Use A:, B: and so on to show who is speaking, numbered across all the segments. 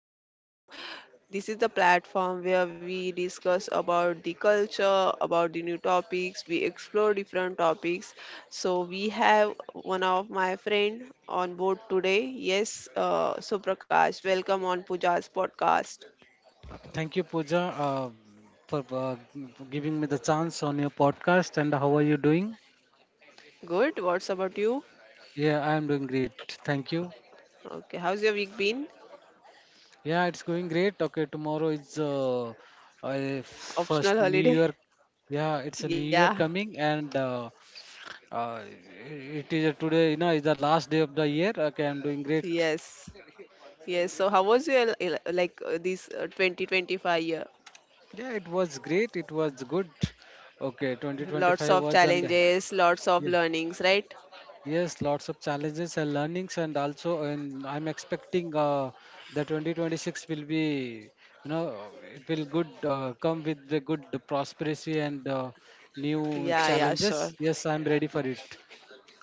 A: podcast. So, this is the platform where we discuss about the culture, about the new topics, we explore different topics. So, we have one of my friend on board today. Yes, so Prakash, welcome on Pooja's podcast.
B: Thank you, Pooja, for for giving me the chance on your podcast. And how are you doing?
A: Good, what's about you?
B: Yeah, I am doing great. Thank you.
A: Okay, how's your week been?
B: Yeah, it's going great. Okay, tomorrow is first
A: Optional
B: New Year.
A: holiday?
B: Yeah, it's a New Year
A: Yeah,
B: coming, and uh, it is a today. You know, is the last day of the year. Okay, I'm doing great.
A: yes. Yes, so how was your like this 2025 year?
B: Yeah, it was great. It was good. Okay,
A: Lots
B: 2025
A: of
B: was and
A: challenges, lots of
B: yeah.
A: learnings, right?
B: Yes, lots of challenges and learnings, and also, and I'm expecting the 2026 will be, you know, it will good come with the good prosperity and new
A: Yeah, yeah,
B: challenges.
A: sure.
B: Yes, I'm ready for it.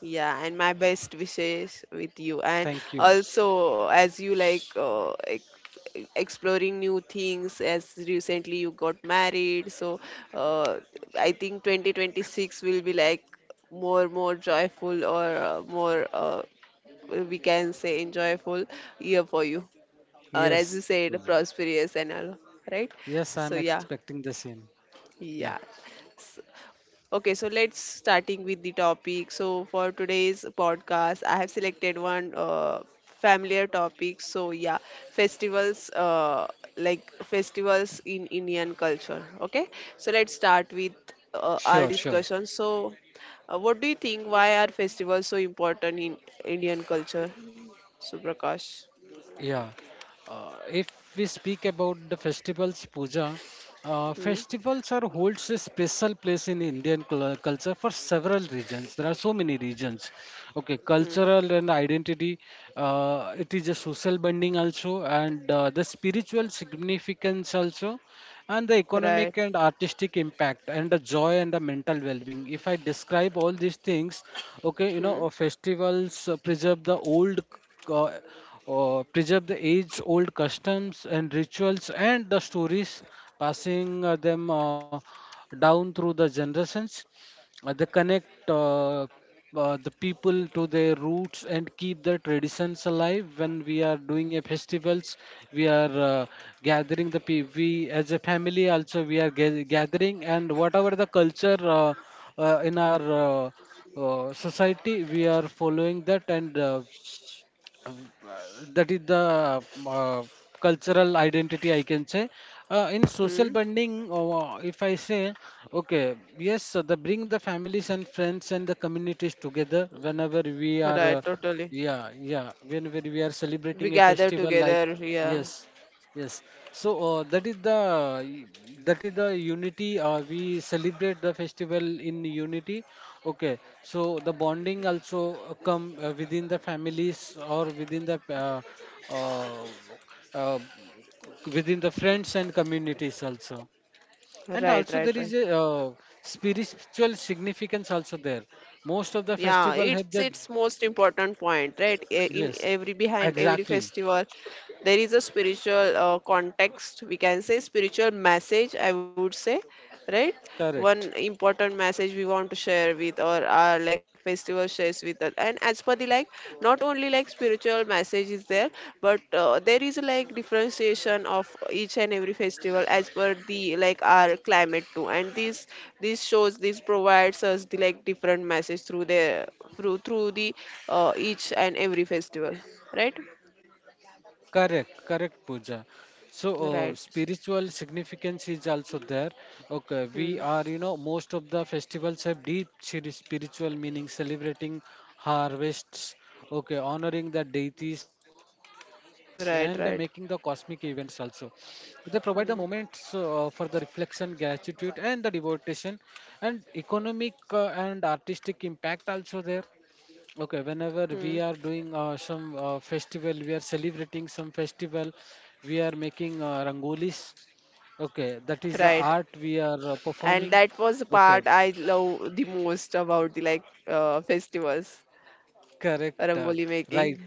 A: Yeah, and my best wishes with you. And
B: Thank you.
A: also, as you like exploring new things, as recently you got married, so uh, I think 2026 will be like more, joyful, or more, we can say, enjoyable year for you. Or as you
B: Yes,
A: said, prosperous and all, right?
B: yes, I'm
A: So, yeah.
B: expecting the same. Yeah,
A: Yeah. S- Okay, so let's starting with the topic. So for today's podcast, I have selected one familiar topic. So yeah, festivals like festivals in Indian culture. Okay, so let's start with our
B: sure, sure.
A: discussion. So, what do you think? Why are festivals so important in Indian culture? Suprakash.
B: Yeah. If we speak about the festivals, puja,
A: Hmm.
B: festivals are holds a special place in Indian culture for several reasons. There are so many regions. Okay,
A: Hmm.
B: cultural and identity. It is a social bonding also, and the spiritual significance also, and the economic
A: Right.
B: and artistic impact, and the joy and the mental well-being. If I describe all these things, okay, you know,
A: Hmm.
B: festivals preserve the old. Uh, Preserve the age-old customs and rituals and the stories, passing them down through the generations, they connect the people to their roots and keep their traditions alive. When we are doing a festivals, we are uh, gathering the we as a family also we are gathering and whatever the culture in our society we are following that and uh, that is the uh, cultural identity I can say. In social
A: Hmm.
B: bonding, if I say, okay, yes, so they bring the families and friends and the communities together whenever we are
A: Right. Totally.
B: yeah, yeah, whenever we are
A: We
B: celebrating a
A: gather
B: festival like
A: together. Yeah.
B: yes. Yes, so that is the unity. We celebrate the festival in unity. Okay, so the bonding also come within the families or uh, uh, within the friends and communities also. And
A: Right, right,
B: also there is
A: right.
B: a spiritual significance also there. Most of the
A: Yeah,
B: festival
A: it's
B: have that.
A: it's most important point, right? In
B: Yes,
A: every behind every
B: exactly,
A: festival, there is a spiritual context. We can say spiritual message. I would say, right? One
B: correct.
A: important message we want to share with or our like festival shares with us. And as per the like not only like spiritual message is there, but there is like differentiation of each and every festival as per the like our climate too, and this shows, this provides us the like different message through the through through the each and every festival, right,
B: Correct, correct, Pooja. So,
A: right.
B: spiritual significance is also there. Okay, we
A: Hmm.
B: are, you know, most of the festivals have deep spiritual meaning, celebrating harvests, okay, honoring the deities, and making the cosmic
A: Right,
B: events
A: right.
B: also. They provide the moments
A: Hmm.
B: for the reflection, gratitude, and the devotion, and economic and artistic impact also there. Okay, whenever
A: Hmm.
B: we are doing some festival, we are celebrating some festival, we are making rangolis. Okay, that is the
A: Right.
B: art we are
A: And
B: performing.
A: that was the
B: Okay,
A: part I love the most about the like festivals,
B: correct,
A: rangoli
B: right.
A: making.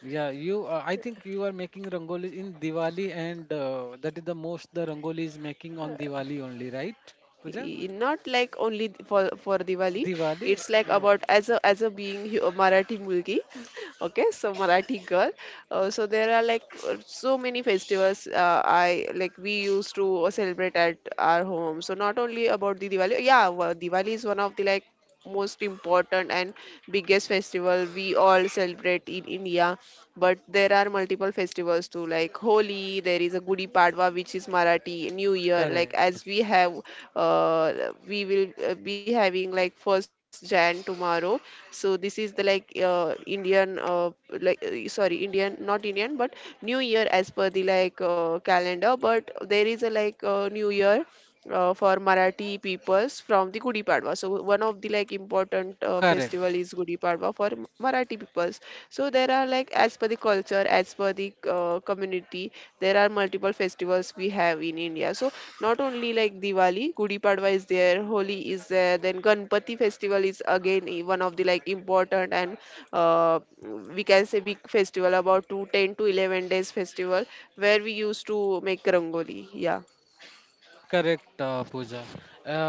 B: Yeah, you. I think you are making rangolis in Diwali, and that is the most the rangoli is making on Diwali only, right, Puja?
A: Not like only for Diwali.
B: Diwali.
A: It's like about as a being a Marathi mulgi, okay, so Marathi girl. So there are like so many festivals. I like we used to celebrate at our home. So not only about the Diwali. Yeah, Diwali is one of the like most important and biggest festival we all celebrate in India. But there are multiple festivals too, like Holi, there is a Gudi Padwa, which is Marathi, New Year. Like
B: Correct,
A: as we have, uh, we will be having like first Jan tomorrow. So this is the like Indian, like sorry, Indian, not Indian, but New Year as per the like calendar. But there is a like New Year for Marathi peoples from the Gudi Padwa. So one of the like important festival
B: correct.
A: is Gudi Padwa for Marathi peoples. So there are like as per the culture, as per the community, there are multiple festivals we have in India. So not only like Diwali, Gudi Padwa is there, Holi is there, then Ganpati festival is again one of the like important and uh, we can say big festival, about two, ten to 11 days festival, where we used to make rangoli. Yeah.
B: Correct, Pooja.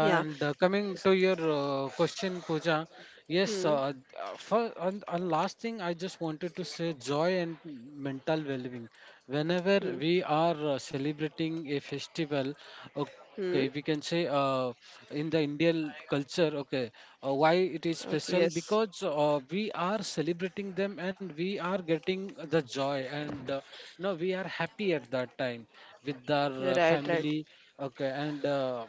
A: Yeah.
B: coming to your question, Pooja, yes, for and last thing I just wanted to say joy and mental well being. Whenever
A: Hmm.
B: we are celebrating a festival, okay, we can
A: Hmm.
B: say in the Indian culture, okay, why it is
A: Okay.
B: special?
A: Yes.
B: Because we are celebrating them and we are getting the joy and you know, we are happy at that time with our
A: Right. Right.
B: family. Okay, and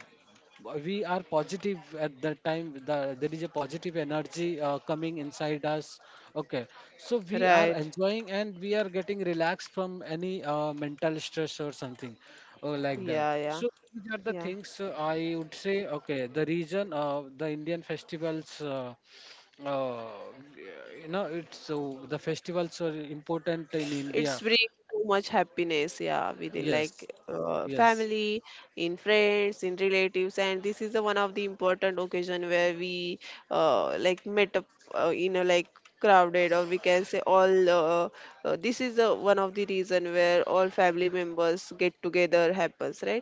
B: we are positive at that time. There is a positive energy coming inside us. Okay, so we are
A: Right.
B: enjoying and we are getting relaxed from any mental stress or something like that.
A: Yeah. Yeah.
B: So these are the
A: Yeah.
B: things I would say. Okay, the reason the Indian festivals. Uh, you know, it's so the festivals are important in
A: It's
B: India.
A: bring too much happiness. Yeah. Within
B: Yes,
A: like
B: yes,
A: family, in friends, in relatives, and this is the one of the important occasion where we like met up in a like crowded, or we can say all this is the one of the reason where all family members get together happens, right.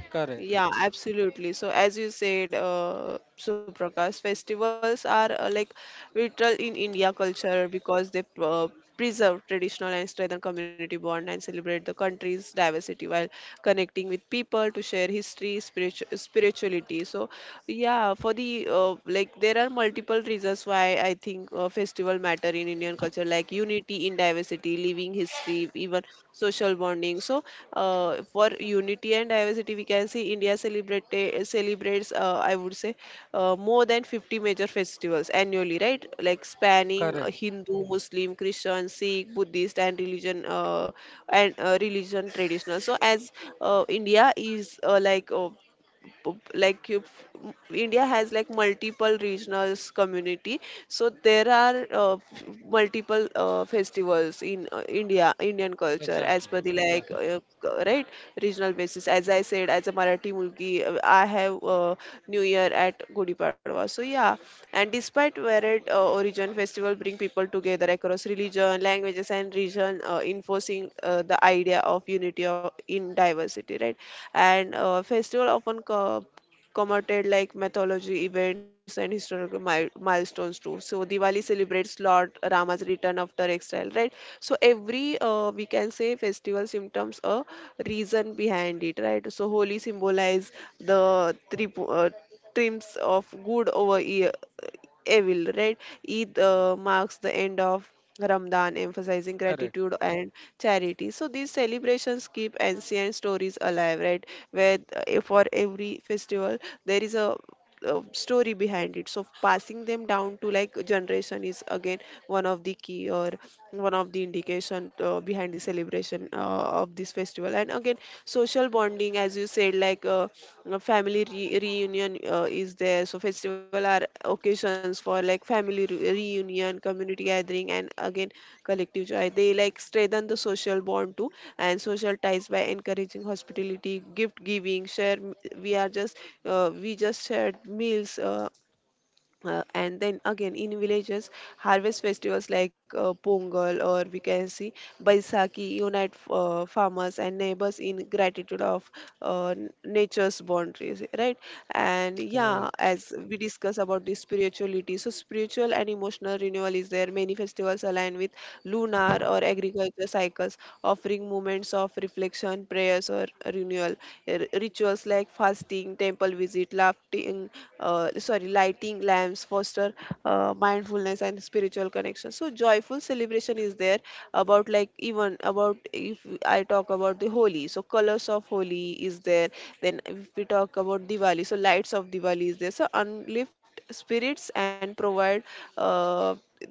B: correct,
A: Yeah, absolutely. So, as you said, Suprakash, festivals are like vital in India culture because they preserve traditional and strengthen community bond and celebrate the country's diversity while connecting with people to share history, spirituality facility, so yeah, for the like there are multiple reasons why I think festival matter in Indian culture, like unity in diversity, living history, even social bonding. So for unity and diversity, we can see India celebrates, I would say, more than 50 major festivals annually, right, like spanning
B: correct.
A: Hindu, Muslim, Christian, Sikh, Buddhist, and religion, and religion traditional. So as India is like you, India has like multiple regionals community, so there are multiple festivals in India, Indian culture
B: Exactly,
A: as per the like
B: exactly.
A: right regional basis. As I said, as a Marathi mulki, I have New Year at Gudi Padwa. So yeah, and despite varied origin, festival bring people together across religion, languages, and region, enforcing the idea of unity of, in diversity, right? And festival often commemorated like mythology events and historical milestones too. So Diwali celebrates Lord Rama's return after exile, right? So every we can say festival symptoms a reason behind it, right? So Holi symbolize the triumphs of good over evil, right? Eid marks the end of Ramadan, emphasizing
B: Correct,
A: gratitude and charity. So these celebrations keep ancient stories alive, right? Where for every festival there is a story behind it, so passing them down to like generation is again one of the key, or one of the indication behind the celebration of this festival. And again, social bonding, as you said, like family reunion is there, fairs. So festival are occasions for like family reunion, community gathering, and again collective joy. They like strengthen the social bond too, and social ties by encouraging hospitality, gift giving, share, we are just we just shared meals, and then again in villages, harvest festivals like pongal, or we can see baisakhi unite farmers and neighbors in gratitude of nature's boundaries, right. And yeah,
B: correct,
A: as we discuss about the spirituality, so spiritual and emotional renewal is there, many festivals align with lunar or agriculture cycles, offering moments of reflection, prayers, or renewal. Rituals like fasting, temple visit, laughing, sorry, lighting lamps foster mindfulness and spiritual connection. So joyful celebration is there, about like, even about, if I talk about the Holi, so colors of Holi is there. Then if we talk about Diwali, so lights of Diwali is there. So unlift spirits and provide uh,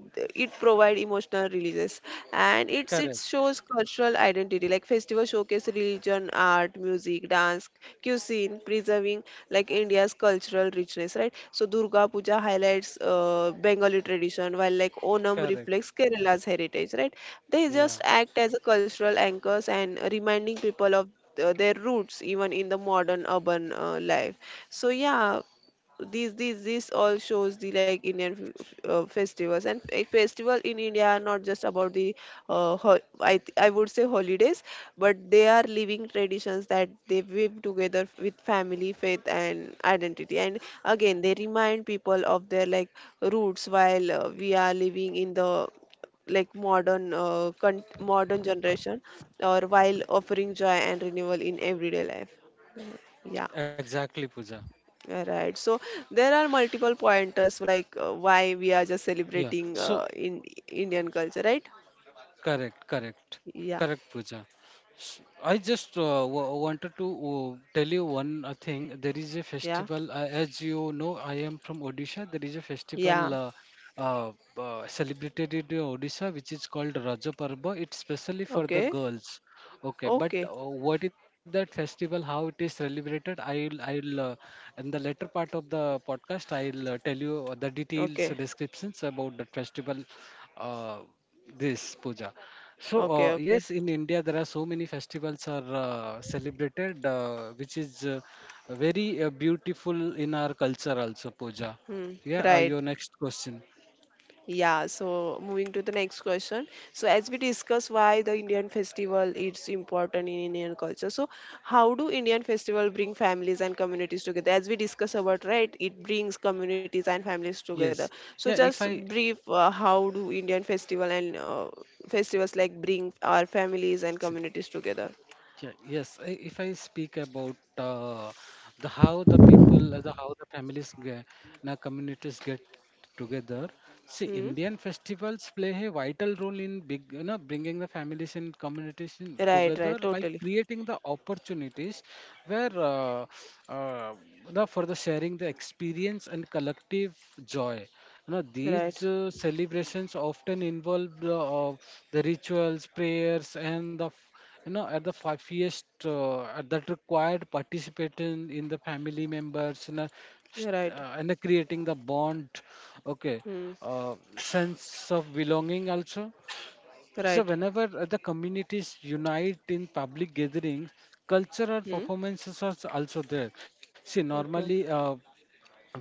A: it provide emotional releases, and it
B: correct,
A: shows cultural identity, like festival showcase religion, art, music, dance, cuisine, preserving like India's cultural richness, right. So Durga Puja highlights Bengali tradition, while like Onam
B: correct.
A: reflects Kerala's heritage, right. They
B: Yeah,
A: just act as a cultural anchors and reminding people of their roots, even in the modern urban life. So yeah, these this all shows the like Indian festivals, and a festival in India are not just about the I would say holidays, but they are living traditions that they weave together with family, faith and identity. And again, they remind people of their like roots while we are living in the like modern modern generation, or while offering joy and renewal in everyday life, yeah.
B: exactly, Pooja.
A: Right. So there are multiple pointers like why we are just
B: Yeah.
A: celebrating
B: So,
A: in Indian culture, right?
B: correct, correct,
A: Yeah.
B: correct, Pooja. I just wanted to tell you one thing. There is a
A: Yeah.
B: festival, as you know, I am from Odisha. There is a
A: Yeah.
B: festival uh, celebrated in Odisha, which is called Raja Parva. It's specially for the
A: Okay.
B: girls. Okay, but
A: Okay.
B: what is that festival? How it is celebrated? I'll in the later part of the podcast, I'll tell you the details,
A: Okay.
B: descriptions about the festival. Uh, this puja. So
A: Okay. Okay.
B: yes, in India there are so many festivals are celebrated, which is very beautiful in our culture also. Puja.
A: Hmm.
B: Yeah.
A: Right.
B: Your next question.
A: Yeah, so moving to the next question. So as we discuss, why the Indian festival is important in Indian culture. So how do Indian festival bring families and communities together? As we discuss about, right, it brings communities and families together.
B: Yes.
A: So
B: Yeah. If
A: just
B: I
A: brief, how do Indian festival and festivals like bring our families and communities together?
B: yeah, yes. If I speak about the how the people, the how the families, ge- na communities get together. See, Indian
A: Hmm.
B: festivals play a vital role in big, you know, bringing the families and communities in
A: Right,
B: together
A: right,
B: by
A: totally.
B: creating the opportunities where uh, for the sharing the experience and collective joy. You know,
A: Right,
B: these celebrations often involve the rituals, prayers, and the you know at the 5 years at that required participation in the family members, and
A: right.
B: creating the bond, okay,
A: Hmm.
B: sense of belonging also. So
A: Right.
B: whenever the communities unite in public gatherings, cultural
A: Hmm.
B: performances are also there. See,
A: Okay.
B: normally,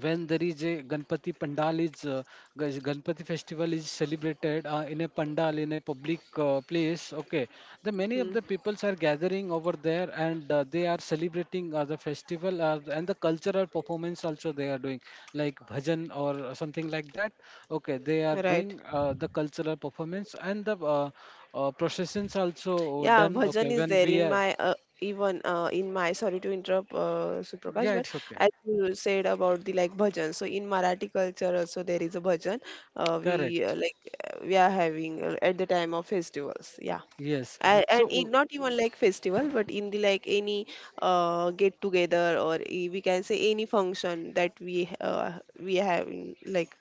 B: when there is a Ganpati festival is celebrated in a pandal in a public place. Okay, the
A: Hmm.
B: many of the peoples are gathering over there and they are celebrating the festival and the cultural performance also they are doing like bhajan or something like that. Okay, they are
A: Right.
B: doing the cultural performance and the processions also
A: Yeah,
B: done.
A: bhajan
B: Okay,
A: is
B: when
A: there
B: we
A: in
B: are
A: my even in my, sorry to interrupt Suprakash,
B: yeah,
A: but
B: it's okay.
A: as you said about the like bhajan, so in Marathi culture also there is a bhajan. We
B: Correct.
A: like we are having at the time of festivals. Yeah.
B: Yes.
A: And, in,
B: So,
A: not even like festival, but in the like any get together, or we can say any function that we have in, like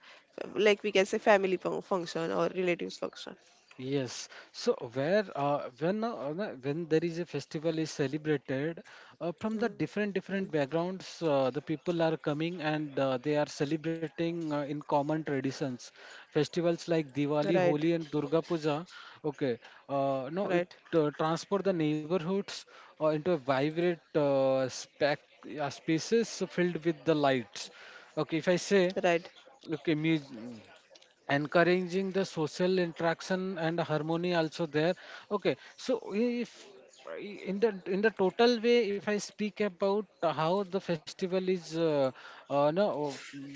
A: we can say family function or relatives function.
B: yes. So where when there is a festival is celebrated from the
A: Mm.
B: different different backgrounds, the people are coming and they are celebrating in common traditions. Festivals like
A: Right,
B: Diwali, Holi, and Durga Puja. Okay.
A: right,
B: No, it transport the neighborhoods into a vibrant spec spaces filled with the lights. Okay, if I
A: right.
B: say, okay, music, encouraging the social interaction and harmony also there. Okay, so if in the in the total way if I speak about how the festival is no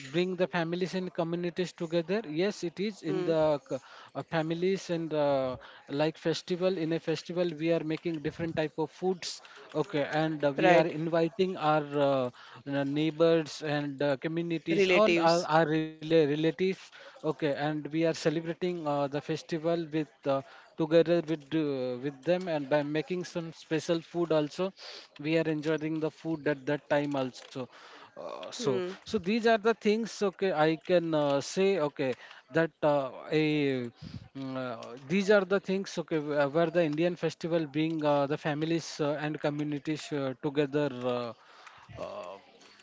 B: bring the families and communities together, yes, it is in
A: Hmm.
B: the families and like festival in a festival we are making different type of foods, okay, and we are
A: Right.
B: inviting our neighbors and communities on
A: Relatives.
B: our relatives, okay, and we are celebrating the festival with together with them and by making some special food also we are enjoying the food at that time also. So
A: Hmm.
B: so these are the things okay I can say okay that a mm, these are the things okay, where the Indian festival bring the families and communities together uh, uh,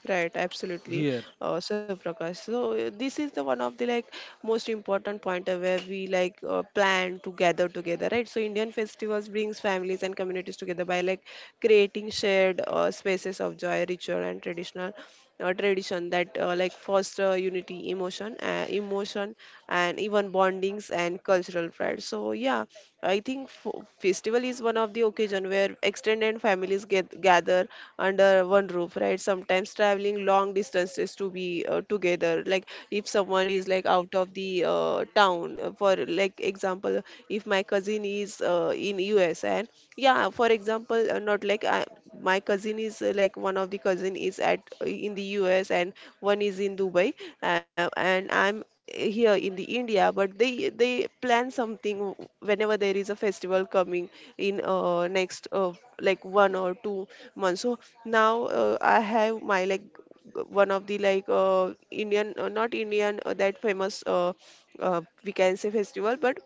A: Right. Absolutely.
B: here.
A: So Prakash. So this is the one of the like most important point where we like plan to gather together, right? So Indian festivals brings families and communities together by like creating shared spaces of joy, ritual, and traditional. Tradition that like foster unity emotion emotion and even bondings and cultural pride, so yeah, I think festival is one of the occasion where extended families get gather under one roof, right? Sometimes traveling long distances to be together, like if someone is like out of the town, for like example, if my cousin is in US and yeah, for example, not like my cousin is like one of the cousin is at in the US and one is in Dubai, and I'm here in the India, but they plan something whenever there is a festival coming in next like 1 or 2 months. So now I have my like one of the like Indian not Indian that famous we can say festival, but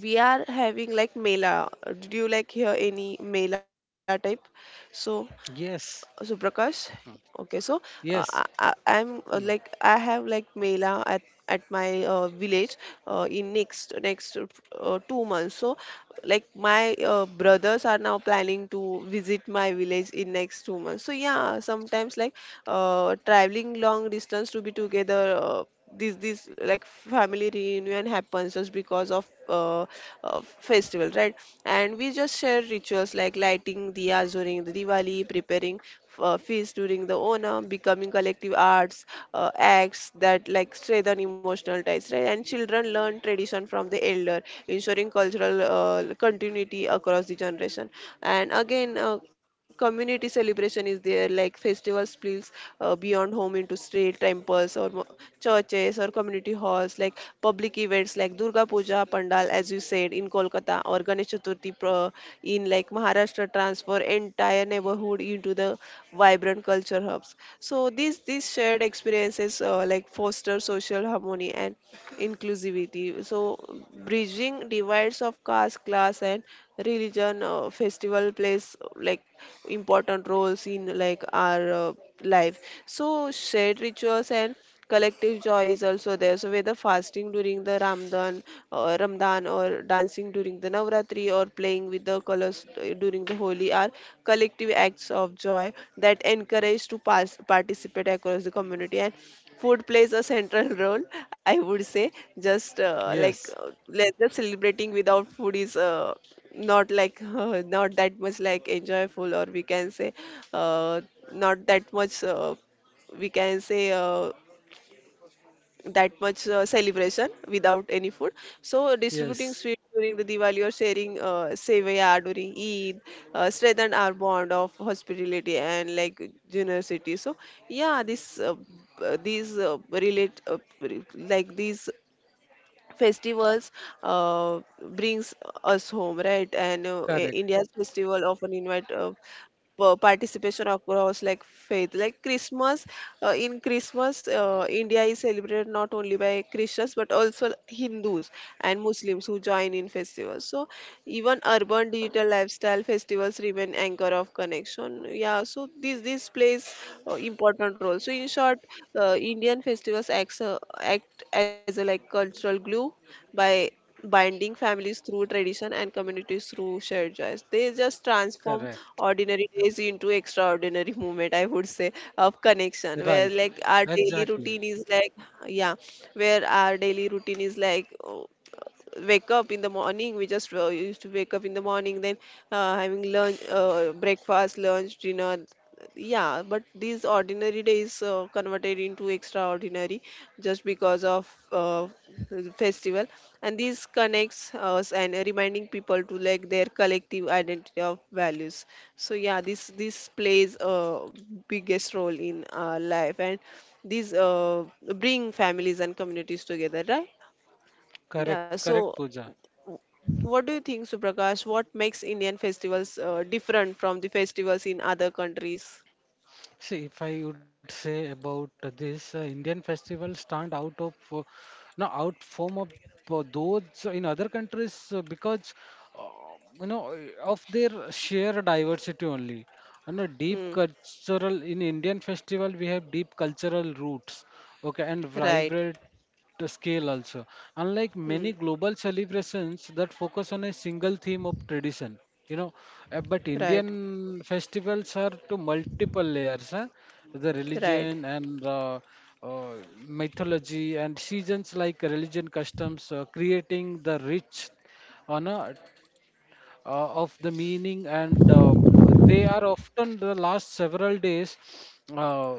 A: we are having like mela. Do you like hear any mela type? So
B: Yes,
A: Suprakash. Okay, so
B: yes,
A: I'm like I have like Mela at my village in next 2 months. So like my brothers are now planning to visit my village in next 2 months. So yeah, sometimes like traveling long distance to be together. This like family reunion happens just because of festival, right? And we just share rituals like lighting diyas during the diwali, preparing feast during the onam, becoming collective arts acts that like strengthen emotional ties, right? And children learn tradition from the elder, ensuring cultural continuity across the generation. And again, community celebration is there, like festivals spills beyond home into street temple festivals or churches or community halls, like public events like Durga Puja Pandal, as you said, in Kolkata, or Ganesh Chaturthi in like Maharashtra, transfer entire neighborhood into the vibrant culture hubs. So these shared experiences like foster social harmony and inclusivity. So bridging divides of caste, class, and religion. Festival plays like important roles in like our life. So shared rituals and collective joy is also there. So whether fasting during the ramadan or ramadan, or dancing during the navratri, or playing with the colors during the holi are collective acts of joy that encourage to participate across the community. And food plays a central role, I would say. Just
B: yes,
A: just celebrating without food is not like not that much like enjoyable, or we can say uh, not that much we can say that much celebration without any food. So distributing sweet
B: yes.
A: during the diwali or sharing sevaya during eid strengthen our bond of hospitality and like generosity. So yeah, this these relate re- like these festivals brings us home, right? And india's
B: Correct,
A: festival often invite participation across like faith, like christmas in christmas, india is celebrated not only by christians but also hindus and muslims who join in festivals. So even urban digital lifestyle festivals remain anchor of connection. Yeah, so this plays important role. So in short, indian festivals act as a like cultural glue by binding families through tradition and communities through shared joys. They just transform
B: correct.
A: ordinary days into extraordinary moment, I would say, of connection. Where
B: Right.
A: like our daily routine
B: Exactly.
A: is like, yeah, where our daily routine is like. Wake up in the morning, we just used to wake up in the morning, then having lunch breakfast, lunch, dinner. Yeah, but these ordinary days converted into extraordinary just because of the festival, and this connects us and reminding people to like their collective identity of values. So yeah, this plays a biggest role in our life. And these bring families and communities together, right? Yeah, so
B: Correct, correct, Pooja.
A: w- what do you think, suprakash, what makes indian festivals different from the festivals in other countries?
B: See, if I would say about this, Indian festivals stand out of no out form of those in other countries because uh, you know of their sheer diversity only. And a deep
A: Hmm.
B: cultural in Indian festival we have deep cultural roots, okay, and
A: Right.
B: vibrant the scale also. Unlike many
A: Hmm.
B: global celebrations that focus on a single theme of tradition, you know, but
A: Right.
B: Indian festivals are to multiple layers, huh? The
A: Right.
B: religion and mythology and seasons like religion customs, creating the rich on a of the meaning, and they are often the last several days uh,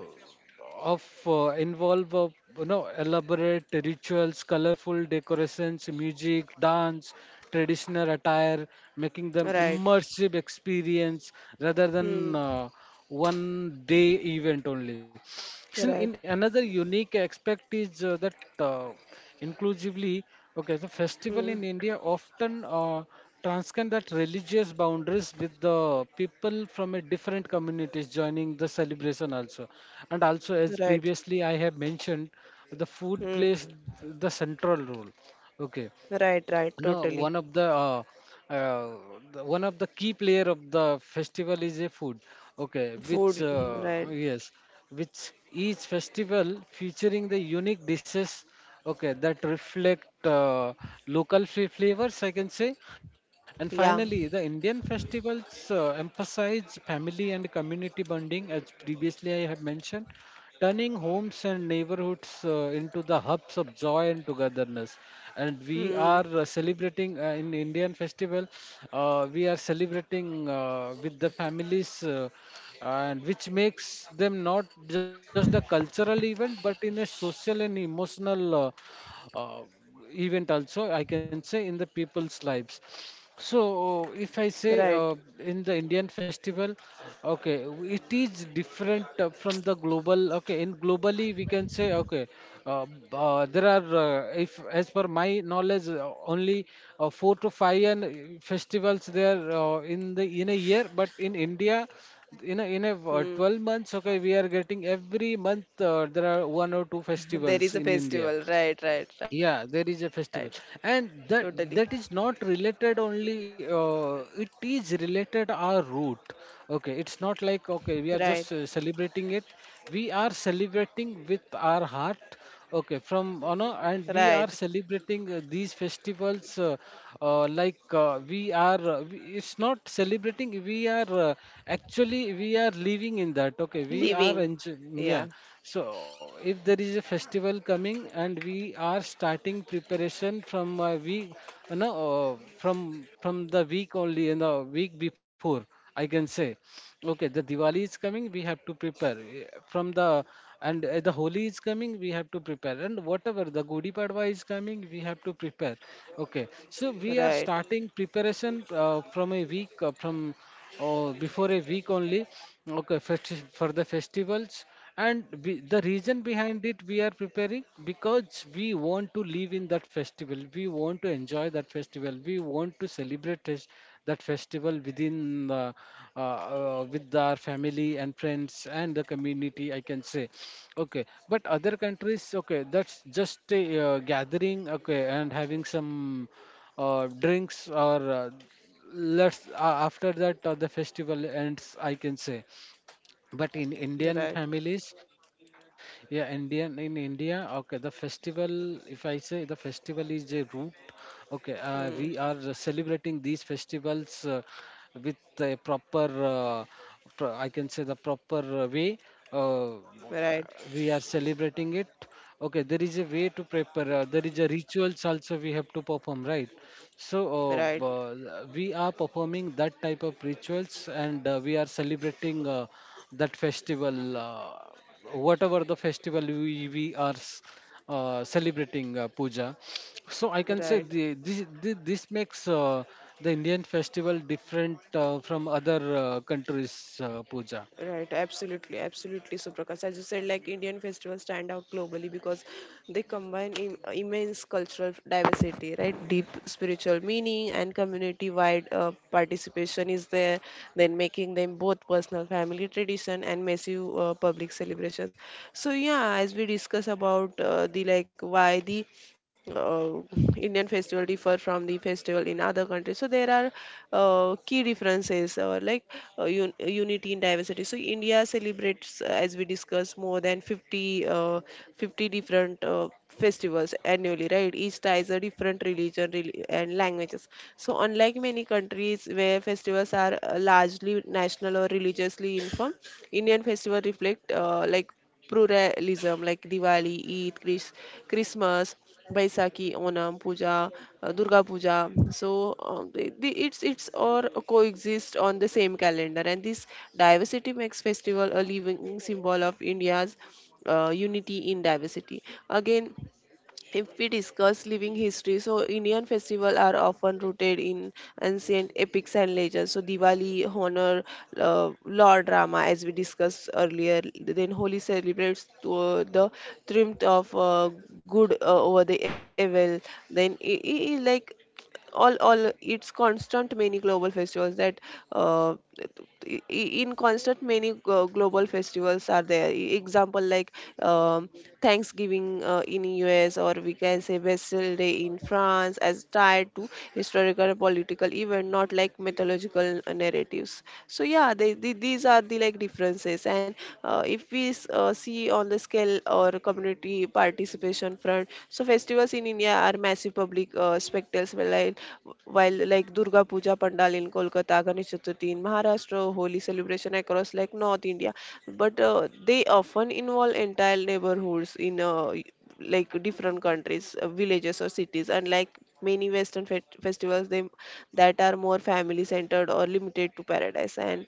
B: of involve you know elaborate rituals, colorful decorations, music, dance, traditional attire, making them
A: Right.
B: immersive experience rather than
A: Hmm.
B: 1 day event only. Action in
A: Right.
B: another unique aspect is that uh, inclusively, okay, the festival
A: Hmm.
B: in India often transcend that religious boundaries with the people from a different communities joining the celebration also. And also, as
A: Right.
B: previously I have mentioned, the food
A: Hmm.
B: plays the central role. Okay,
A: Right. Right.
B: no,
A: Totally.
B: one of uh, the one of the key player of the festival is a food. Okay,
A: Food.
B: which
A: Right.
B: yes, which each festival featuring the unique dishes. Okay, that reflect uh, local flavors, I can say. And finally, the
A: Yeah.
B: Indian festivals emphasize family and community bonding, as previously I have mentioned, turning homes and neighborhoods into the hubs of joy and togetherness. And we
A: Hmm.
B: are celebrating in Indian festival. We are celebrating with the families. And which makes them not just a cultural event but in a social and emotional uh, event also I can say in the people's lives. So, if I say
A: Right.
B: in the Indian festival, okay, it is different from the global. Okay, in globally we can say okay, there are if as per my knowledge, only four to five and festivals there in the in a year. But in India, in a, in a
A: Hmm.
B: 12 months, okay, we are getting every month there are one or two
A: There is
B: festivals
A: a
B: in India.
A: festival. Right. Right. Right.
B: Yeah, there is a festival,
A: Totally.
B: and that is not related only, it is related our root. Okay, it's not like
A: Right.
B: okay we are just celebrating it, we are celebrating with our heart, okay.
A: Right.
B: And we are celebrating these festivals. It's not celebrating, we are actually we are living in that, okay, we
A: Living.
B: are
A: Yeah.
B: enjoying. Yeah, so if there is a festival coming, and we are starting preparation from week, you know, from the week only, in the week before I can say. Okay, the Diwali is coming, we have to prepare. From the and the Holi is coming, we have to prepare. And whatever the Gudi Padwa is coming, we have to prepare. Okay, so we
A: Right.
B: are starting preparation from a week, from before a week only. Okay, for the festivals, and we, the reason behind it we are preparing because we want to live in that festival, we want to enjoy that festival, we want to celebrate that festival with our family and friends and the community I can say. Okay, but other countries, okay, that's just a gathering, okay, and having some drinks or let's after that the festival ends I can say. But in Indian
A: Right.
B: families, yeah, India, okay, the festival, if I say the festival is a root, okay,
A: Hmm.
B: we are celebrating these festivals with a proper uh, I can say the proper way uh,
A: Right.
B: we are celebrating it. Okay, there is a way to prepare. There is a rituals also we have to perform, right?
A: Right.
B: So we are performing that type of rituals, and we are celebrating that festival, whatever the festival we are s- celebrating puja. So I can say
A: Right.
B: this makes the Indian festival different from other countries' puja.
A: Right, absolutely, absolutely, Suprakash. As you said, like Indian festivals stand out globally because they combine immense cultural diversity, right? Deep spiritual meaning and community-wide participation is there, then making them both personal family tradition and massive public celebrations. So yeah, as we discuss about the like why the uh, uh, Indian festival differ from the festival in other countries. So there are key differences like uh, un- unity in diversity. So India celebrates, as we discussed, more than 50, 50 different festivals annually, right? Each ties a different religion and languages. So unlike many countries where festivals are largely national or religiously informed, Indian festival reflect like pluralism, like Diwali, Eid, Christmas, Baisakhi, Onam, Puja, Durga Puja. So it's all coexist on the same calendar, and this diversity makes festival a living symbol of India's unity in diversity. Again, if we discuss living history, so Indian festivals are often rooted in ancient epics and legends. So Diwali honor Lord Rama, as we discussed earlier. Then Holi celebrates the triumph of good over the evil. Then all it's constant many global festivals that uh, in constant many global festivals are there. Example like um, thanksgiving in us, or we can say Bastille day in france, as tied to historical political event, not like mythological narratives. So yeah, these are the like differences. And if we see on the scale or community participation front. So festivals in India are massive public spectacles while, while like Durga Puja Pandal in Kolkata, Ganesh Chaturthi in Maharashtra, Holi celebration across like North India. But they often involve entire neighborhoods in like different countries, villages or cities, unlike many Western festivals that are more family centered or limited to paradise. And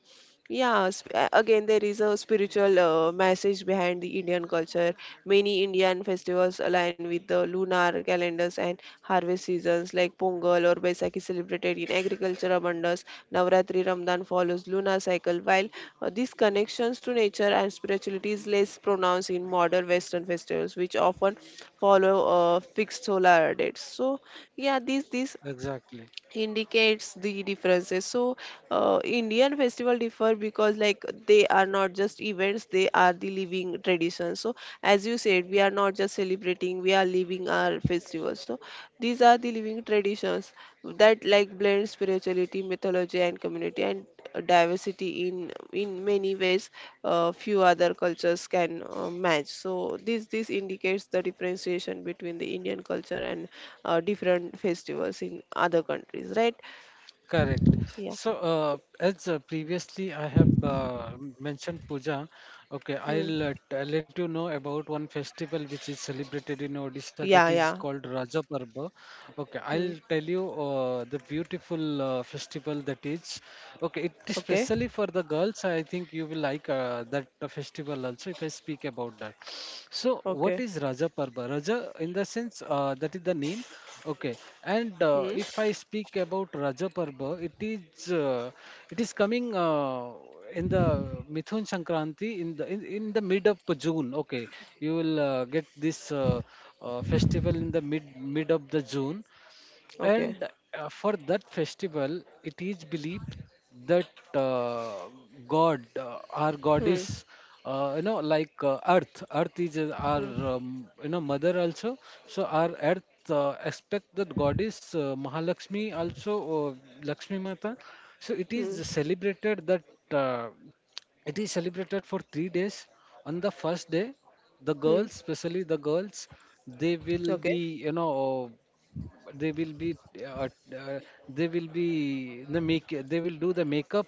A: yeah, again, there is a spiritual message behind the Indian culture. Many Indian festivals align with the lunar calendars and harvest seasons, like Pongal or Baisakhi, celebrated in agriculture abundance. Navratri Ramadan follows lunar cycle, while these connections to nature and spirituality is less pronounced in modern Western festivals, which often follow fixed solar dates. So yeah, these
B: Exactly.
A: indicates the differences. So indian festival differ because like they are not just events, they are the living traditions. So as you said, we are not just celebrating, we are living our festivals. So these are the living traditions that like blend spirituality, mythology, and community, and diversity in many ways few other cultures can match. So this indicates the differentiation between the indian culture and different festivals in other countries, right?
B: Correct.
A: Yeah.
B: So, as previously I have mentioned Puja, okay,
A: Hmm.
B: I'll let you know about one festival which is celebrated in Odisha that
A: Yeah,
B: is
A: yeah.
B: called Raja Parva. Okay,
A: Hmm.
B: I'll tell you the beautiful festival that is. Okay, it is
A: Okay.
B: specially for the girls. I think you will like that festival also if I speak about that. So, what
A: Okay.
B: is Raja Parva? Raja, in the sense that is the name. Okay, and
A: Hmm.
B: if I speak about Raja Parva, it is coming in the Mithun Sankranti in the mid of June. Okay, you will get this festival in the mid of the June,
A: Okay.
B: and for that festival it is believed that uh, god our
A: Hmm.
B: goddess, you know, like earth is
A: Hmm.
B: our, you know, mother also. So our earth expect that goddess, Mahalakshmi also, Lakshmi Mata. So it is
A: Hmm.
B: celebrated that uh, it is celebrated for 3 days. On the first day, the
A: Hmm.
B: girls, especially the girls, they will
A: Okay.
B: be, you know, they will be uh, uh, they will be they will do the makeup,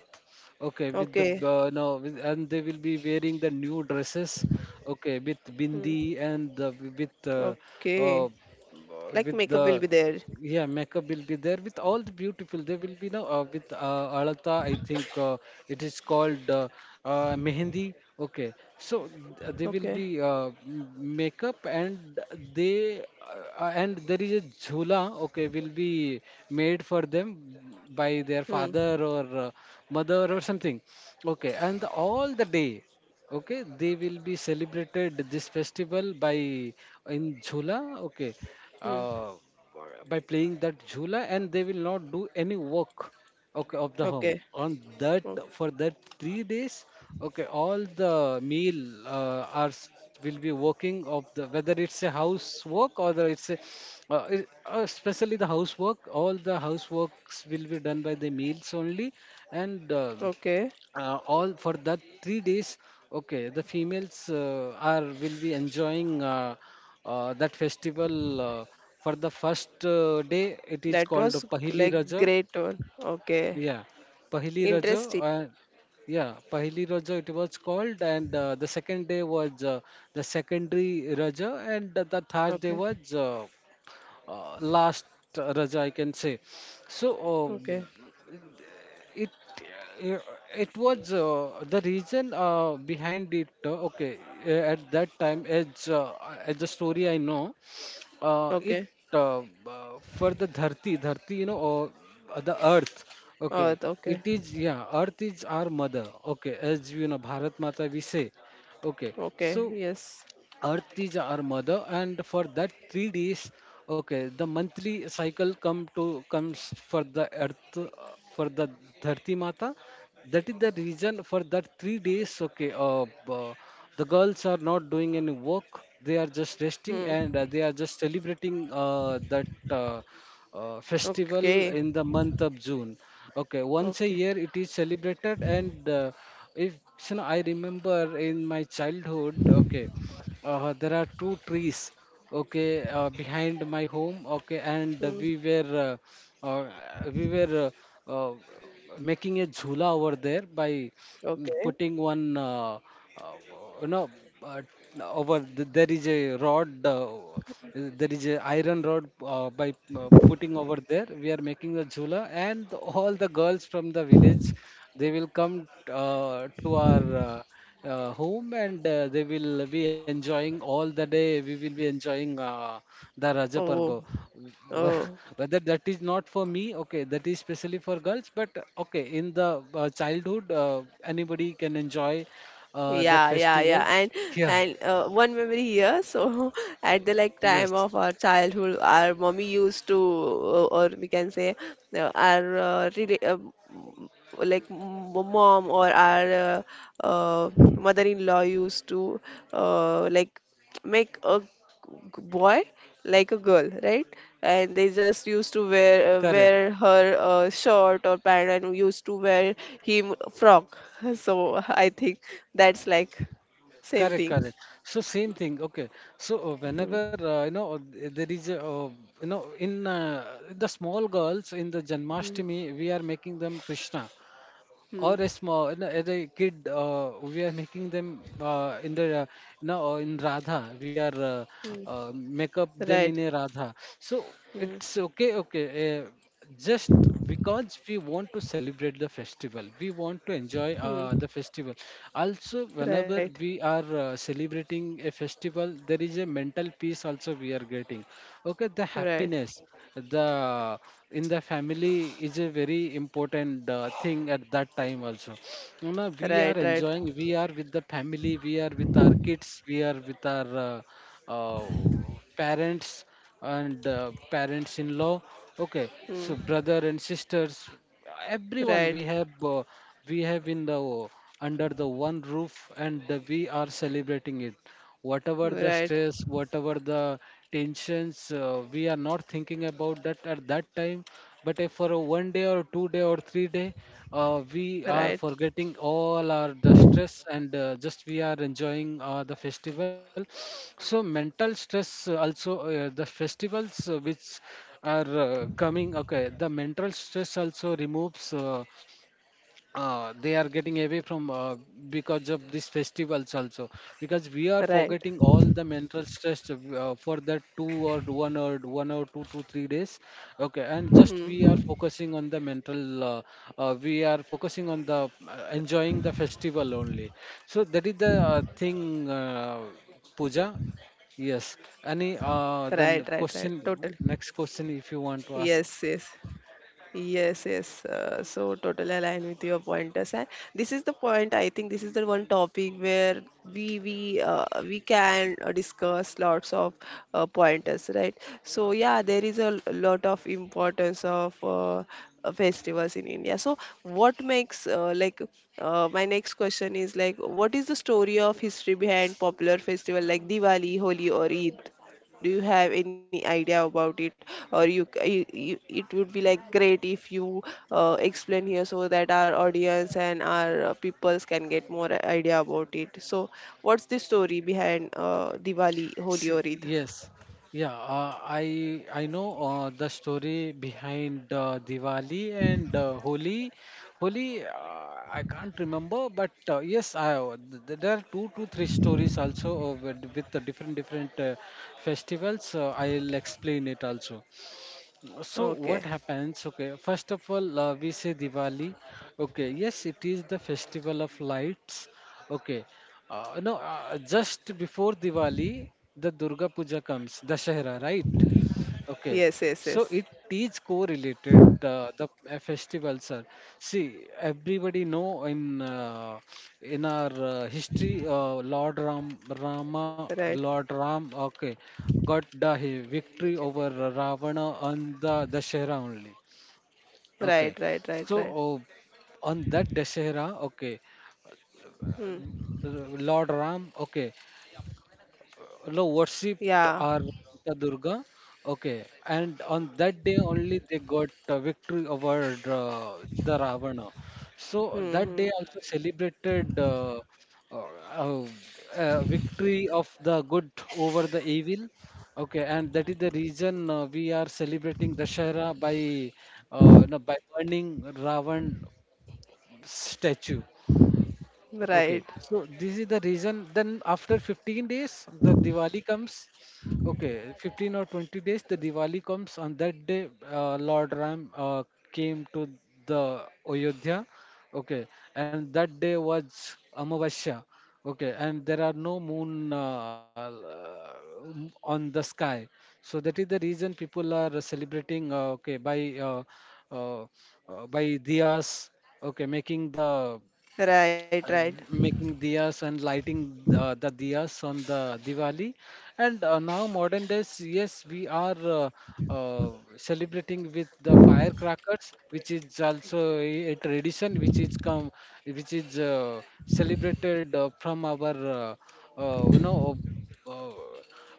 B: okay, with the
A: Okay.
B: no with, and they will be wearing the new dresses, okay, with
A: Hmm.
B: bindi and the, with uh,
A: Okay.
B: uh,
A: Like
B: with
A: makeup will be
B: the
A: there.
B: yeah, makeup will be there with all the beautiful. There will be no with Alata. I think it is called mehendi. Okay, so there
A: Okay.
B: will be makeup, and they and there is a jhula, okay, will be made for them by their
A: Hmm.
B: father or mother or something. Okay, and all the day, okay, they will be celebrated this festival by in Jhula, okay,
A: Hmm.
B: uh, by playing that Jhula, and they will not do any work. Okay, of the
A: Okay.
B: home on that
A: O-
B: for that 3 days. Okay, all the meal hours will be working of the whether it's a housework or the it's a especially the housework. All the houseworks will be done by the meals only, and.
A: okay.
B: All for that 3 days, okay, the females are will be enjoying that festival. For the first day, it is
A: That
B: called
A: was
B: pahili
A: like
B: raja.
A: great one. Okay.
B: Yeah, pahili raja.
A: Interesting.
B: uh, yeah Pahili raja, it was called. And the second day was the secondary raja, and the third day
A: Okay.
B: was last raja I can say. So, um,
A: Okay.
B: it uh, it was the reason behind it, okay, at that time, as the story I know, it
A: Okay.
B: uh, for the dharti, you know, or the earth, okay,
A: Oh,
B: it
A: okay.
B: is, yeah, earth is our mother, okay, as you know, Bharat Mata we say. Okay, so
A: Okay. Yes.
B: Earth is our mother, and for that 3 days, okay, the monthly cycle come to comes for the Earth, for the Dharti Mata. That is the reason for that 3 days. Okay, the girls are not doing any work; they are just resting,
A: Hmm.
B: and they are just celebrating that festival
A: Okay.
B: in the month of June. Okay, once a
A: Okay.
B: year it is celebrated, and if you know, I remember in my childhood, okay, there are two trees, okay, behind my home, okay, and
A: Hmm.
B: we were uh, uh, we were uh, uh, making a jhula over there by, mm,
A: Okay.
B: putting one uh, you know, uh, over there is a rod, there is a iron rod by putting over there we are making a jula. And all the girls from the village, they will come to our home, and they will be enjoying all the day, we will be enjoying the raja parbo.
A: Oh. Oh.
B: Wh- Whether that is not for me, okay, that is specially for girls, but okay, in the childhood anybody can enjoy that
A: Yeah, yeah, yeah.
B: festival. Yeah.
A: And one memory here. So at the like time
B: Yes.
A: of our childhood, our mommy used to, or we can say, our really, like mom or our mother-in-law used to like make a boy like a girl, right? And they just used to wear
B: Correct.
A: wear her short or pant, and used to wear him frock so I think that's like same
B: Correct,
A: thing.
B: correct. So same thing. Okay. So
A: Hmm,
B: whenever you know, there is a, you know, in the small girls in the
A: hmm,
B: Janmashtami, we are making them Krishna, or
A: hmm,
B: a small, you know, as a kid we are making them in the no in radha, we are
A: hmm.
B: make up them
A: Right.
B: in a radha. So
A: Hmm,
B: it's okay, okay, just because we want to celebrate the festival, we want to enjoy
A: hmm.
B: the festival also.
A: Right,
B: Whenever we are celebrating a festival, there is a mental peace also we are getting, okay, the
A: right,
B: happiness, the in the family is a very important thing at that time also. You know, we are
A: right, right.
B: enjoying, we are with the family, we are with our kids, we are with our uh, parents, and parents in law, okay,
A: Hmm,
B: so brother and sisters, everyone
A: right.
B: we have in the under the one roof, and we are celebrating it. Whatever the
A: Right,
B: stress, whatever the tensions we are not thinking about that at that time, but if for a 1 day or 2 day or 3 day, we are
A: right,
B: forgetting all our the stress, and just we are enjoying the festival. So mental stress also the festivals which are coming, okay, the mental stress also removes, they are getting away from, because of these festivals also, because we are
A: right,
B: forgetting all the mental stress for that 2 or 1 or 1 or 2 to 3 days, okay, and just we are
A: Hmm.
B: focusing on the mental, we are focusing on the enjoying the festival only. So that is the thing, puja. Yes. Any
A: Right, right, right,
B: then
A: totally.
B: question, next question, if you
A: Yes,
B: want to
A: yes.
B: ask?
A: Yes, yes. So totally aligned with your pointers. And this is the point. I think this is the one topic where we can discuss lots of pointers, right? So yeah, there is a lot of importance of festivals in India. So what makes like my next question is like, what is the story of history behind popular festival like Diwali, Holi, or Eid? Do you have any idea about it? Or you it would be like great if you explain here so that our audience and our peoples can get more idea about it. So what's the story behind diwali, holi, or
B: See,
A: eid?
B: yes, yeah, I know the story behind Diwali and Holi. Holi, I can't remember, but yes, I, there are two to three stories also, with the different festivals. I'll explain it also. So
A: Okay.
B: what happens? Okay, first of all, we say Diwali. Okay, yes, it is the festival of lights. Okay, no, just before Diwali, the Durga Puja comes, Dashera, right? Okay,
A: Yes, yes,
B: so
A: yes.
B: it is correlated the festival, sir. See, everybody know in our history, Lord Ram
A: Right,
B: Rama, Lord Ram, okay, got victory over Ravana on the Dashera only.
A: right, right,
B: Okay,
A: right, right.
B: so on that Dashera, okay,
A: Hmm.
B: Lord Ram, okay. no Worshipped
A: Yeah.
B: our Mata Durga. Okay, and on that day only they got victory over the Ravana. So
A: Hmm,
B: that
A: hmm.
B: day also celebrated uh, uh, victory of the good over the evil. Okay, and that is the reason we are celebrating Dashera by no, by burning Ravan statue. Okay,
A: Right,
B: so this is the reason. Then after 15 days, the Diwali comes. Okay, 15 or 20 days, the Diwali comes. On that day, Lord Ram came to the Ayodhya. Okay, and that day was Amavasya. Okay, and there are no moon on the sky. So that is the reason people are celebrating. Okay, uh, by diyas. Okay,
A: right, right,
B: uh, making diyas and lighting the diyas on the Diwali. And now modern days, yes, we are uh, celebrating with the firecrackers, which is also a tradition which is come, which is celebrated from our you know uh,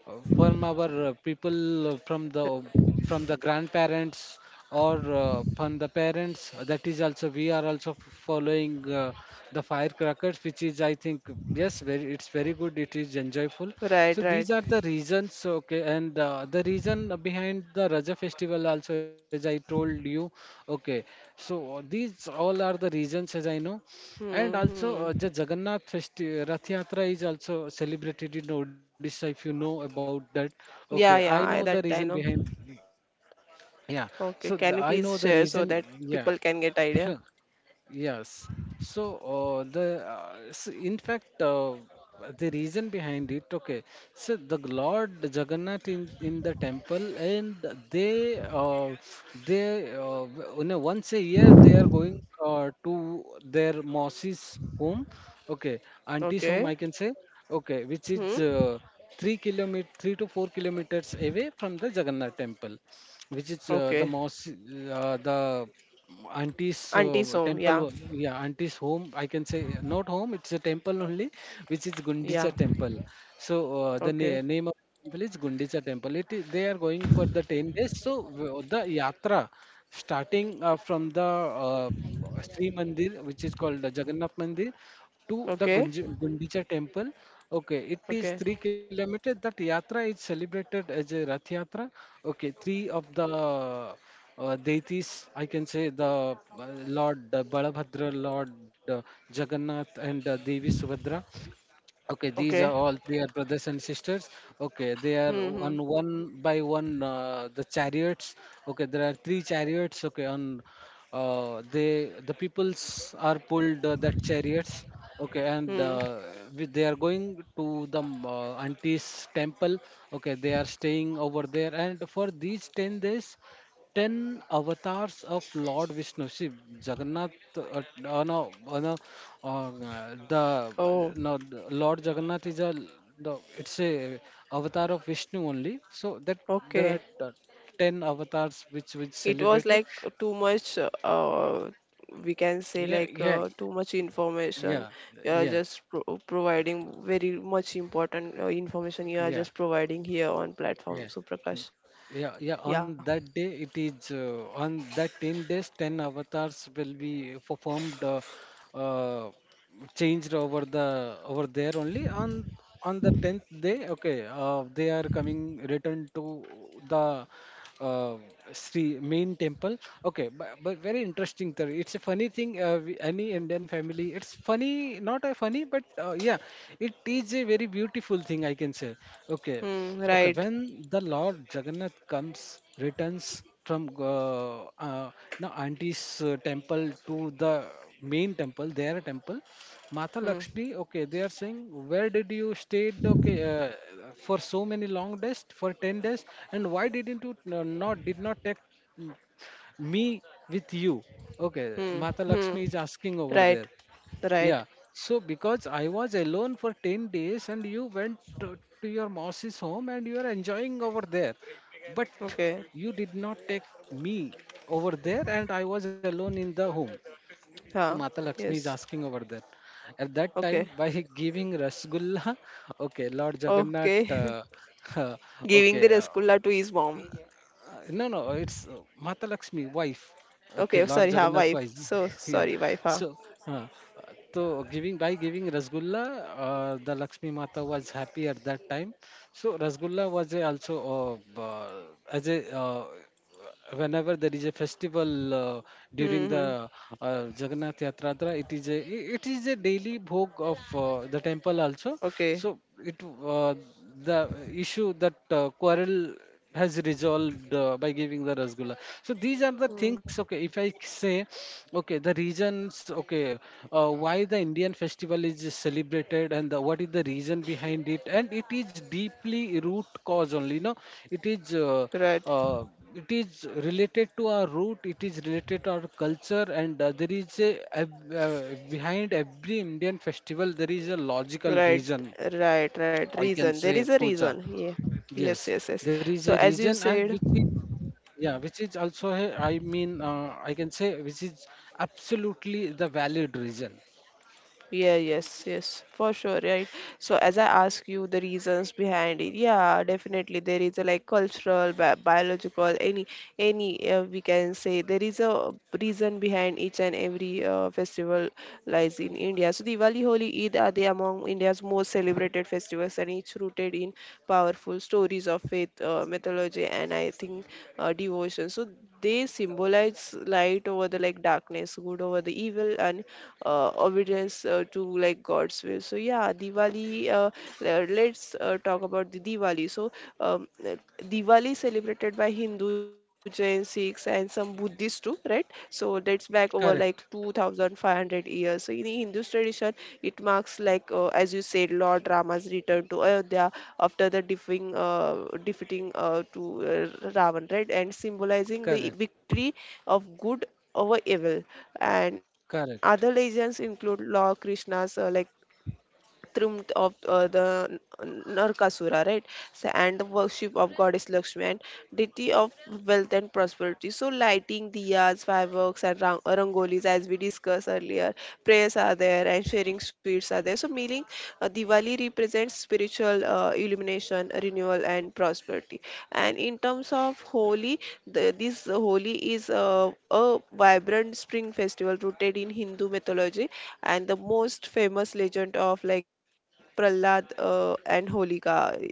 B: from our people from the grandparents or from the parents that is also we are also following the firecrackers, which is I think, yes, very, it's very good, it is enjoyable.
A: right,
B: So these
A: right.
B: are the reasons. Okay, and the reason behind the Raja festival also, as I told you. Okay, so these all are the reasons as I know. And
A: Hmm,
B: also,
A: hmm.
B: the Rath Yatra is also celebrated in Odisha. If you know about that, okay, I
A: Yeah,
B: know
A: yeah,
B: the
A: I,
B: reason
A: that I know.
B: behind.
A: Okay,
B: Yeah,
A: can you
B: so
A: please share
B: I
A: so
B: know the
A: that
B: reason.
A: people can get
B: Yeah.
A: idea?
B: Yes. So the s in fact the reason behind it. Okay. So the Lord Jagannath in the temple, and they uh, they uh, you know, once a year they are going to their Mausy's home. Okay, auntie's home, I
A: Okay.
B: can say. Okay, which is
A: Hmm.
B: 3 kilometer, 3 to 4 kilometers away from the Jagannath temple, which is the
A: Okay.
B: Mausy, the auntie's
A: Auntie's home.
B: temple
A: Yeah.
B: yeah, auntie's home, I can say. Not home, it's a temple only, which is Gundicha
A: Yeah.
B: temple. So
A: Okay.
B: name of temple is Gundicha temple. It is, they are going for the 10 days. So the yatra starting from the uh, Sri Mandir, which is called the Jagannath Mandir, to the
A: Okay.
B: Gundicha temple. Okay, it is
A: Okay.
B: 3 kilometers. That yatra is celebrated as a Rath Yatra. Okay, three of the deities, I can say the Lord Balabhadra, Lord Jagannath, and Devi Subhadra. Okay,
A: Okay.
B: these are all three are brothers and sisters. Okay, they are
A: Hmm. Hmm.
B: on one by one the chariots. Okay, there are three chariots. Okay, on they the peoples are pulled that chariots. Okay, and
A: Hmm.
B: they are going to the auntie's temple. Okay, they are staying over there, and for these 10 days, ten avatars of Lord Vishnu. See, Jagannath, no, no, uh, the
A: Oh.
B: no, the Lord Jagannath is a it's a avatar of Vishnu only. So that there are
A: Okay.
B: uh, ten avatars which
A: It was
B: celebrated.
A: like too much. Uh, we can say
B: Yeah,
A: like
B: yeah,
A: too much information.
B: yeah,
A: You are
B: yeah,
A: just providing very much important information. You are
B: yeah,
A: just providing here on
B: yeah.
A: platform, Suprakash.
B: Yeah, yeah.
A: Yeah.
B: On that day, it is on that 10 days, ten avatars will be performed, uh, changed over the over there only. On the tenth day, okay, they are coming return to the uh, Sri main temple. Okay, but very interesting. It's a funny thing. Any Indian family, it's funny, not a funny, but yeah, it is a very beautiful thing, I can say. Okay.
A: Hmm.
B: Okay,
A: Right.
B: when the Lord Jagannath comes, returns from now auntie's temple to the main temple, their temple, Mata
A: Hmm.
B: Lakshmi, okay, they are saying, where did you stayed, okay, for so many long days, for 10 days, and why didn't you not, did not take mm, me with you? Okay,
A: Hmm.
B: Mata
A: Hmm.
B: Lakshmi is asking over
A: Right,
B: there.
A: right.
B: Yeah. So because I was alone for 10 days and you went to your mouse's home and you are enjoying over there. But
A: Okay.
B: you did not take me over there and I was alone in the home. So
A: Yeah.
B: Mata Lakshmi is
A: Yes.
B: asking over there. At that
A: Okay.
B: time, by giving Rasgulla, okay, Lord
A: Okay.
B: Jagannath,
A: Giving the
B: okay,
A: rasgulla to his mom.
B: no, no, it's Mata Lakshmi, wife. Okay,
A: Okay.
B: Lord
A: Sorry. Ha.
B: Jagannath
A: Wife.
B: wife.
A: So
B: Yeah.
A: sorry. Wife. Ha.
B: So, uh, uh, so giving by giving Rasgulla, the Lakshmi Mata was happy at that time. So Rasgulla was a also as a, whenever there is a festival during
A: Hmm, hmm.
B: the Jagannath Yatra, it is it is a daily bhog of the temple also.
A: Okay.
B: So it the issue that quarrel has resolved by giving the rasgulla. So these are the
A: Hmm.
B: things. Okay, if I say, okay, the reasons. Okay, why the Indian festival is celebrated and the, what is the reason behind it, and it is deeply root cause only. No, it is.
A: Right.
B: Uh, it is related to our root, it is related to our culture, and there is a ev- uh, behind every Indian festival there is a logical
A: Right.
B: reason,
A: Right. Right.
B: I can
A: Reason.
B: say,
A: There is a
B: puja
A: reason. Yeah.
B: yes,
A: Yes. Yes. Yes.
B: there is a
A: So as
B: reason,
A: you
B: and which
A: said.
B: is, yeah, which is also a, I mean, I can say which is absolutely the valid reason.
A: Yeah, yes, yes, for sure, right? So as I ask you the reasons behind it, yeah, definitely there is a like cultural, biological, any we can say there is a reason behind each and every festival lies in India. So Diwali, Holi, Eid are they among India's most celebrated festivals and each rooted in powerful stories of faith, mythology, and I think devotion. So they symbolize light over the like darkness good over the evil and obedience to like god's will. So yeah, let's talk about the Diwali. So um, uh, Diwali celebrated by Hindu, Jain, Sikhs and some Buddhists too, right? So that's back over like
B: Correct,
A: 2500 years. So in the Hindu tradition it marks like, as you said, Lord Rama's return to Ayodhya after the defeating to Ravan, right? And symbolizing
B: correct,
A: the victory of good over evil, and other
B: correct.
A: legends include Lord Krishna's like triumph of Narkasura, right? So, and the worship of goddess Lakshmi and deity of wealth and prosperity. So, lighting diyas, fireworks, and rangolis, as we discussed earlier, prayers are there and sharing sweets are there. So, meaning Diwali represents spiritual illumination, renewal, and prosperity. And in terms of Holi, this Holi is a vibrant spring festival rooted in Hindu mythology and the most famous legend of like Prahlad and Holika. So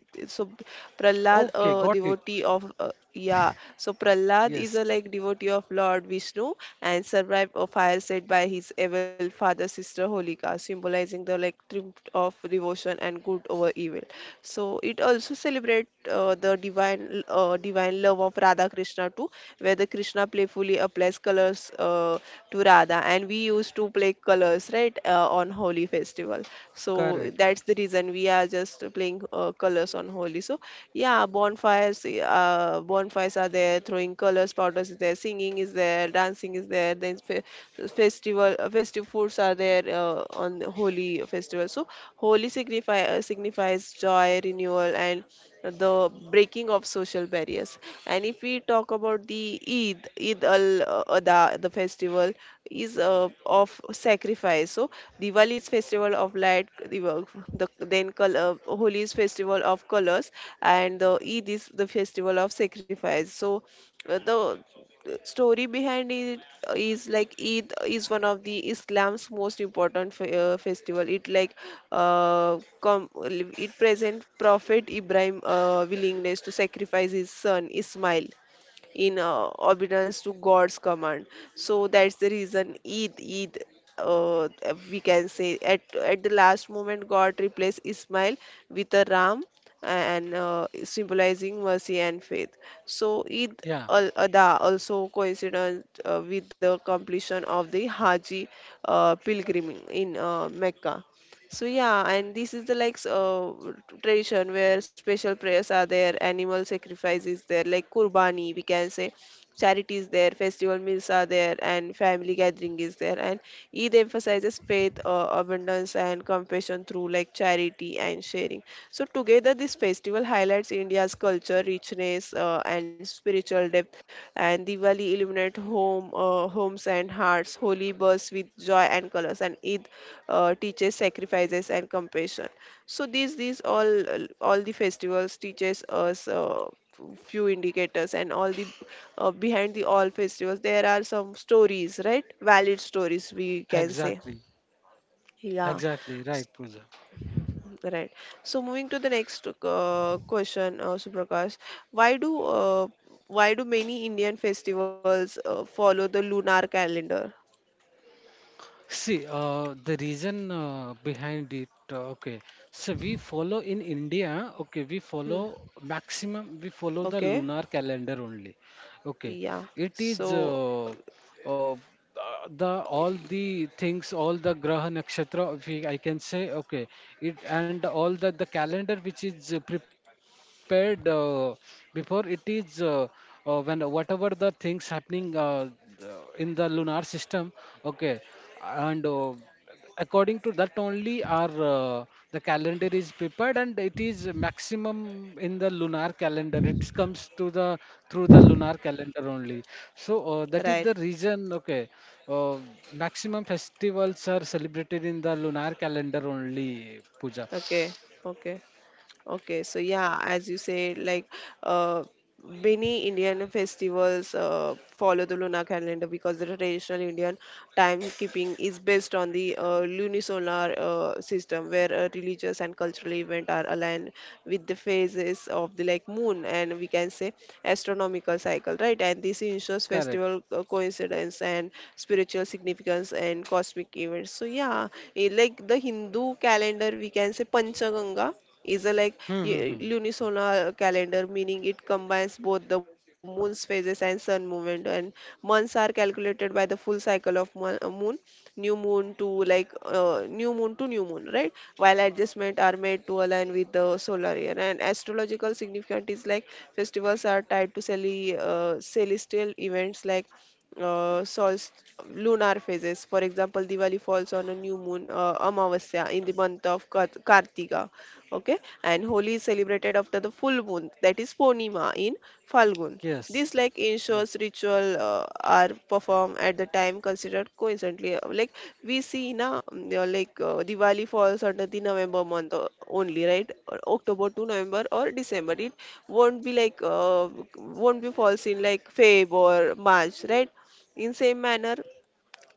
A: Prahlad,
B: Okay,
A: a
B: got it.
A: devotee of Prahlad is
B: Yes.
A: a like devotee of Lord Vishnu and survived a fire set by his evil father sister Holika, symbolizing the like triumph of devotion and good over evil. So it also celebrates interpret the divine love of Radha Krishna too, where the Krishna playfully applies colors to Radha, and we used to play colors, right, on Holi festival.
B: Correct.
A: So that's the reason we are just playing colors on Holi. So yeah, bonfires are there, throwing colors, powders is there, singing is there, dancing is there. Then fe- festival festive foods are there on the Holi festival. So Holi signify signifies joy, renewal, and the breaking of social barriers. And if we talk about the Eid al adha, the festival is of sacrifice. So Diwali is festival of light, Holi is festival of colors, and the Eid is the festival of sacrifice. So the story behind it is like Eid is one of the Islam's most important festival. It like it present Prophet Ibrahim willingness to sacrifice his son Ismail in obedience to God's command. So that's the reason Eid, uh, we can say at the last moment God replaced Ismail with a ram and symbolizing mercy and faith. So Eid
B: Yeah,
A: al Adha also coincident with the completion of the Haji pilgrimage in Mecca. So yeah, and this is the like tradition where special prayers are there, animal sacrifice is there, like Kurbani, we can say, charity is there, festival meals are there, and family gathering is there. And Eid emphasizes faith, abundance, and compassion through like charity and sharing. So together, this festival highlights India's culture, richness, and spiritual depth. And Diwali illuminate homes and hearts. Holy bursts with joy and colors, and Eid teaches sacrifices and compassion. So these all the festivals teaches us few indicators, and all the behind the all festivals there are some stories, right? Valid stories, we can say.
B: exactly,
A: Yeah.
B: exactly
A: S-
B: right, puja
A: right. So moving to the next question, Suprakash, why do uh, why do many Indian festivals follow the lunar calendar?
B: See, the reason behind it, okay. So we follow in India, okay, we follow
A: Hmm.
B: maximum, we follow the lunar
A: Okay.
B: calendar only. Okay,
A: Yeah.
B: it is
A: So.
B: uh, the all the things, all the Graha Nakshatra, if I can say, okay, it and all the calendar which is prepared before, it is when whatever the things happening in the lunar system, okay, and according to that only our the calendar is prepared, and it is maximum in the lunar calendar, it comes to the through the lunar calendar only. So that is
A: Right.
B: the reason. Okay, uh, maximum festivals are celebrated in the lunar calendar only, puja
A: Okay. Okay. Okay, so yeah, as you said, like uh, many Indian festivals follow the lunar calendar because the traditional Indian timekeeping is based on the lunisolar system, where religious and cultural events are aligned with the phases of the like moon and we can say astronomical cycle, right? And this ensures
B: correct.
A: festival coincidence and spiritual significance and cosmic events. So yeah, eh, like the Hindu calendar, we can say Panchaganga is a like
B: Hmm, hmm,
A: y-
B: hmm.
A: lunisolar calendar, meaning it combines both the moon's phases and sun movement, and months are calculated by the full cycle of moon, new moon to like new moon to new moon, right? While adjustments are made to align with the solar year and astrological significance is like festivals are tied to celestial events like uh, solst- lunar phases. For example, Diwali falls on a new moon, Amavasya, in the month of Kartika. Okay, and Holi is celebrated after the full moon, that is Purnima in Falgun.
B: Yes,
A: This like
B: yes,
A: ensures ritual are performed at the time considered coincidentally like we see na, they are like Diwali falls under the November month only, right? Or October to November or December. It won't be like won't be falls in like Feb or March, right? In same manner,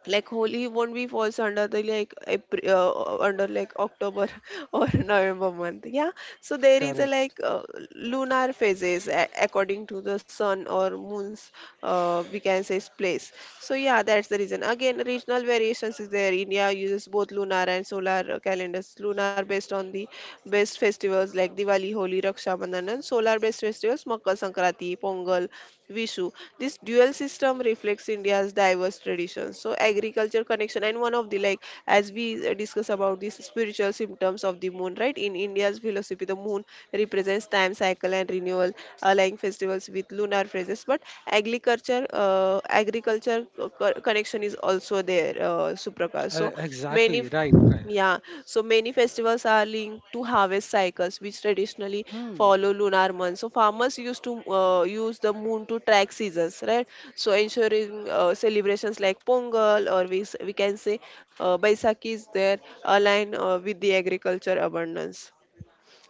A: like Holi won't be falls under the like April, under like October or November month. Yeah, so there is a
B: correct.
A: like lunar phases according to the sun or moon's we can say place. So yeah, that's the reason. Again, regional variations is there. India uses both lunar and solar calendars. Lunar based on the best festivals like Diwali, Holi, Raksha Bandhan, and solar based festivals Makar Sankranti, Pongal, Vishu. This dual system reflects India's diverse traditions. So agriculture connection and one of the like as we discuss about these spiritual symptoms of the moon, right? In India's philosophy, the moon represents time cycle and renewal, aligning festivals with lunar phases. But agriculture connection is also there, Suprakash. So many,
B: Exactly
A: f-
B: right, right.
A: yeah, so many festivals are linked to harvest cycles, which traditionally
B: Hmm.
A: follow lunar months. So farmers used to use the moon to track seasons, right? So ensuring celebrations like Pongal or we can say Baisakhi is there align with the agriculture abundance.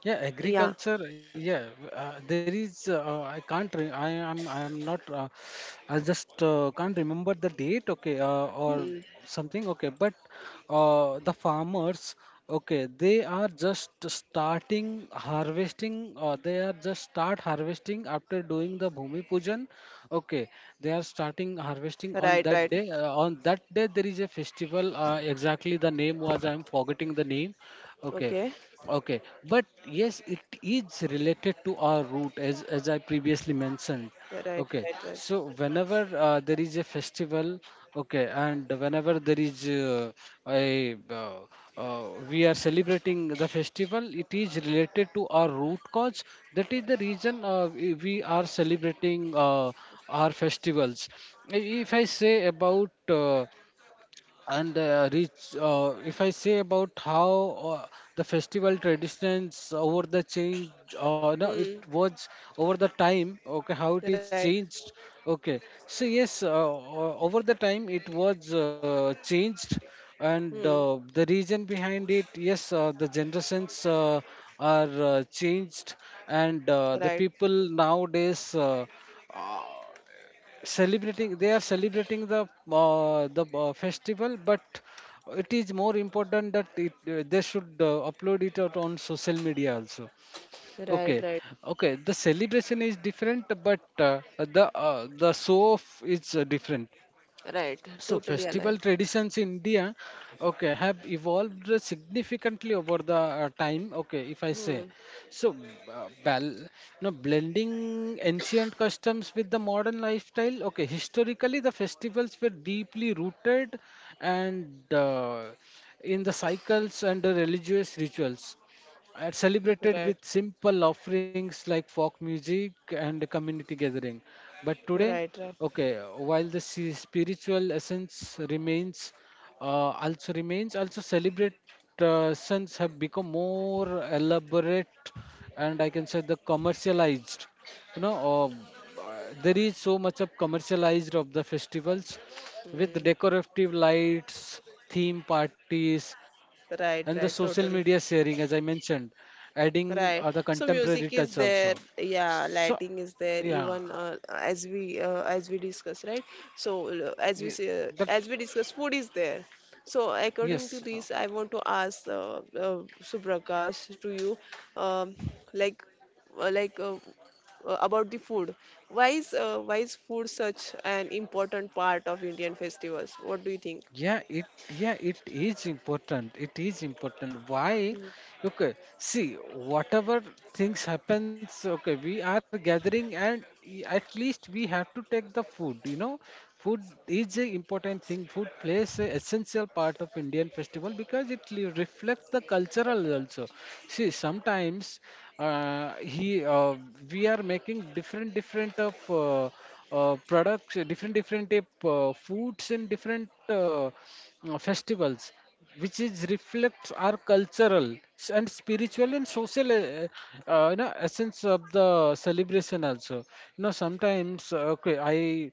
B: Yeah,
A: Yeah.
B: agriculture. Yeah, there is. I can't. I am. I am not. I just can't remember the date. Okay, or
A: Hmm.
B: something. Okay, but the farmers. Okay, they are just starting harvesting. They are just start harvesting after doing the Bhumi Pujan. Okay, they are starting harvesting on
A: Right,
B: that
A: right.
B: day. On that day, there is a festival. Exactly, the name was, I am forgetting the name. Okay.
A: Okay.
B: Okay, but yes, it is related to our root, as I previously mentioned.
A: Right, right,
B: Okay,
A: right.
B: so whenever there is a festival, okay, and whenever there is a we are celebrating the festival, it is related to our root cause. That is the reason we are celebrating our festivals. If I say about uh, and reach if I say about how the festival traditions over the change no it
A: Hmm.
B: was over the time, okay, how it is
A: Right.
B: changed. Okay, so yes, over the time it was changed, and
A: Hmm.
B: the reason behind it, yes, the generations are changed, and the
A: Right.
B: people nowadays uh, celebrating, they are celebrating the festival, but it is more important that they should upload it out on social media also. Okay.
A: Right, right.
B: Okay, the celebration is different, but the show off is different.
A: Right.
B: So
A: Totally
B: festival
A: aligned.
B: traditions in India, okay, have evolved significantly over the time. Okay, if I say,
A: Hmm.
B: so you know, blending ancient customs with the modern lifestyle. Okay, historically the festivals were deeply rooted and in the cycles, and the religious rituals are celebrated
A: Right.
B: with simple offerings like folk music and community gathering. But today,
A: Right. Right.
B: okay, while the spiritual essence uh, also remains, also celebrations have become more elaborate, and I can say the commercialized. You know, there is so much of commercialized of the festivals, with
A: Hmm.
B: decorative lights, theme parties, and the social
A: Right.
B: media
A: Right.
B: sharing,
A: Totally.
B: as I mentioned, adding the
A: Right.
B: contemporary
A: So
B: touch
A: music
B: also.
A: is there.
B: So
A: Yeah. Lighting is there.
B: yeah,
A: Even as we discuss. Right. So
B: ye- that
A: as we discuss, food is there. So according to
B: yes.
A: this, I want to ask Suprakash to you, um, like uh, like uh, about the food. Why is food such an important part of Indian festivals? What do you think?
B: Yeah, it yeah, it is important. It is important. Why? Okay, see, whatever things happens, okay, we are gathering and at least we have to take the food, you know. Food is a important thing. Food plays a essential part of Indian festival because reflects the cultural also. See, sometimes he we are making different different of products, different different type foods in different festivals, which is reflects our cultural and spiritual and social you know essence of the celebration also. You know sometimes okay I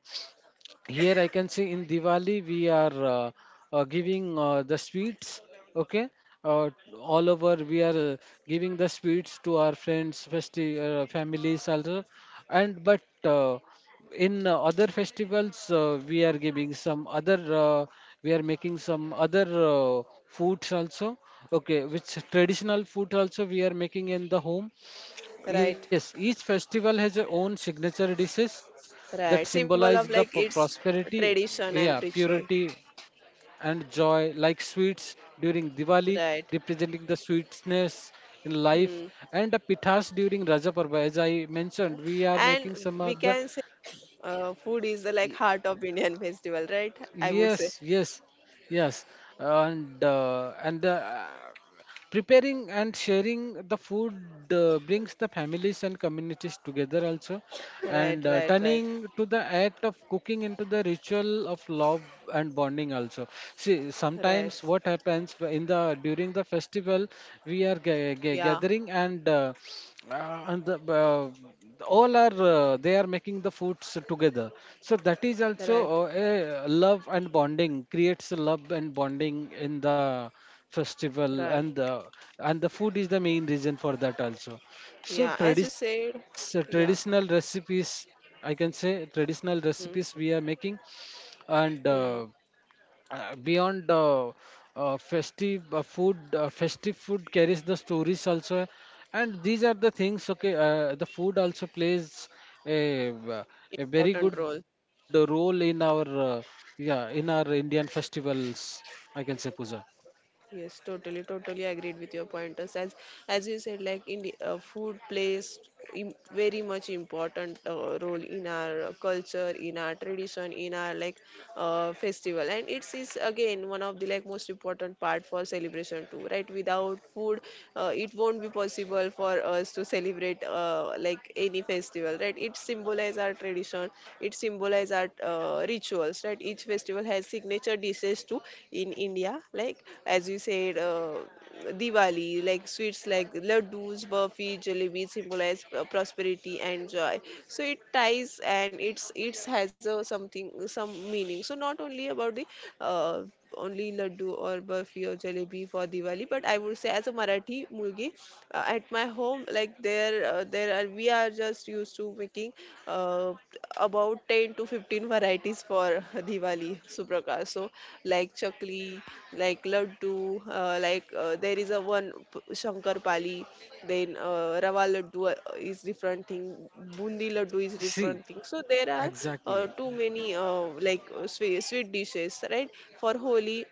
B: here I can see in Diwali we are giving the sweets. Okay, uh, all over we are giving the sweets to our friends, families also. And but in other festivals we are giving some other we are making some other foods also, okay, which traditional food also we are making in the home. Yes,
A: Right.
B: each festival has their own signature dishes that
A: Right.
B: symbolize the
A: Symbol of like its
B: prosperity, yeah,
A: tradition and
B: purity
A: ritual.
B: and joy, like sweets during Diwali,
A: Right.
B: representing the sweetness in life,
A: Hmm.
B: and the pithas during Raja Parva. As I mentioned, we are making
A: And
B: some
A: we
B: of the
A: can say food is the like heart of Indian festival, right? I would say.
B: Yes, yes, yes, and the preparing and sharing the food brings the families and communities together also,
A: Right,
B: and
A: right, right,
B: turning to the act of cooking into the ritual of love and bonding also. See,
A: right.
B: sometimes what happens in the during the festival, we are
A: Yeah,
B: gathering, and uh, and the, uh, all are they are making the foods together. So that is also
A: right,
B: a love and bonding, creates a love and bonding in the festival,
A: right.
B: and the, and the food is the main reason for that also. So
A: Yeah, as you
B: tradis
A: said,
B: traditional
A: yeah.
B: recipes, I can say, traditional recipes we are
A: Hmm.
B: making, and
A: Hmm.
B: beyond festive food, festive food carries the stories also, and these are the things. Okay, the food also plays a, uh, a very
A: Important
B: good
A: role.
B: role in our yeah, in our Indian festivals, I can say, puja
A: Yes, totally, totally agreed with your pointers. As you said, like in the, food plays very much important role in our culture, in our tradition, in our like festival, and it is again one of the like most important part for celebration too, right? Without food, it won't be possible for us to celebrate like any festival, right? It symbolizes our tradition, it symbolizes emphasize our rituals, right? Each festival has signature dishes too in India, like as you said, Diwali, like sweets like laddus, burfi, jalebi symbolize prosperity and joy. So it ties and it's it has a something some meaning. So not only about the uh, only laddu or burfi or jalebi for Diwali. But I would say, as a Marathi mulgi, at my home, like there are we are just used to making uh, about 10 to 15 varieties for Diwali, Suprakash. So like chakli, like laddu, there is a shankar pali, then rava laddu is different thing, bundi laddu is
B: see,
A: different thing. So there are
B: exactly,
A: too many sweet, sweet dishes, right? For Holi,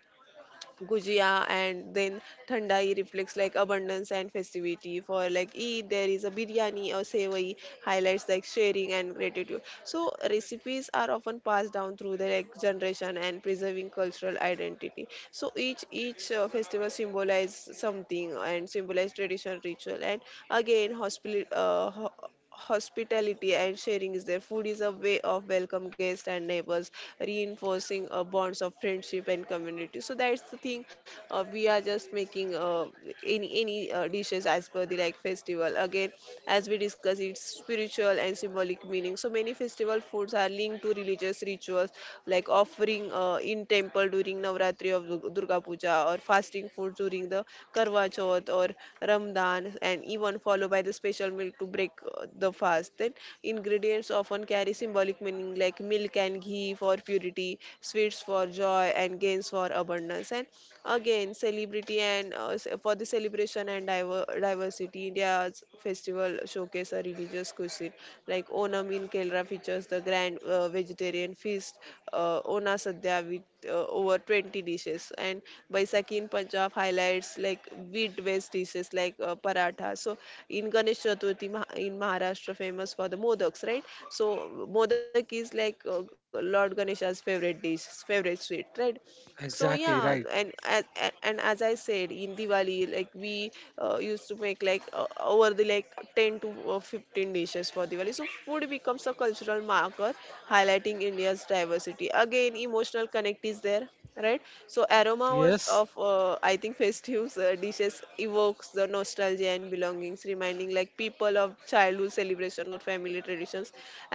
A: gujia and then thandai reflects like abundance and festivity. For like Eid there is a biryani or sevai, highlights like sharing and gratitude. So recipes are often passed down through the like generation and preserving cultural identity. So each festival symbolizes something and symbolize tradition, ritual, and again hospitality and sharing is there. Food is a way of welcome guests and neighbors, reinforcing bonds of friendship and community. So that's the thing. We are just making any dishes as per the like festival. Again, as we discuss, it's spiritual and symbolic meaning. So many festival foods are linked to religious rituals, like offering in temple during Navratri of Durga Puja, or fasting food during the Karwa Chauth or Ramadan, and even followed by the special milk to break the fast. Then ingredients often carry symbolic meaning like milk and ghee for purity, sweets for joy, and gains for abundance. And again, celebrity and for the celebration and diversity, India's festival showcase a religious cuisine. Like Onam in Kerala features the grand vegetarian feast, Ona Sadhya with over 20 dishes, and Baisakhi in Punjab highlights like wheat-based dishes like paratha. So in Ganesh Chaturthi in Maharashtra, famous for the modaks, right? So modak is like Lord Ganesha's favorite dish, favorite sweet, right? So yeah,
B: exactly right.
A: and as I said, in Diwali, like, we used to make like over the like 10 to 15 dishes for Diwali. So food becomes a cultural marker highlighting India's diversity. Again, emotional connect is there, right? So aroma was
B: Yes,
A: of I think festive dishes evokes the nostalgia and belongings, reminding like people of childhood celebration or family traditions.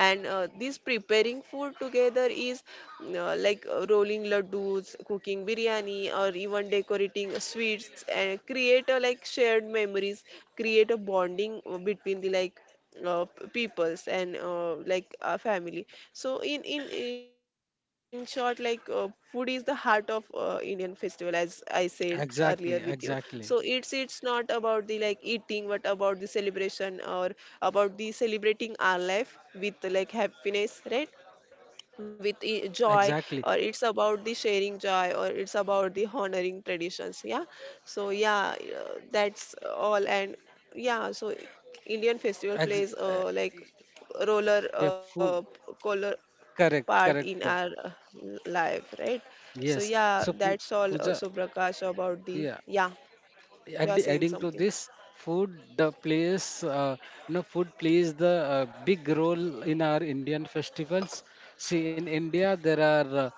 A: And this preparing food together is like rolling laddus, cooking biryani, or even decorating sweets, and create a like shared memories, create a bonding between the like peoples and like a family. So in short, like, food is the heart of Indian festival, as I said earlier with
B: exactly,
A: you. So
B: exactly,
A: it's not about the like eating, but about the celebration or about the celebrating our life with like happiness, right? With
B: exactly.
A: joy, or it's about the sharing joy, or it's about the honoring traditions. Yeah. So yeah, that's all. And yeah, so Indian festival
B: Ex-
A: plays like roller,
B: yeah, food.
A: color
B: Correct,
A: part in
B: correct.
A: our life, right? So
B: Yes.
A: yeah,
B: So
A: that's all,
B: Pooja,
A: so Prakash about the,
B: yeah.
A: yeah. You are saying
B: Adding to
A: something.
B: this, food the plays you know food plays the big role in our Indian festivals. See, in India there are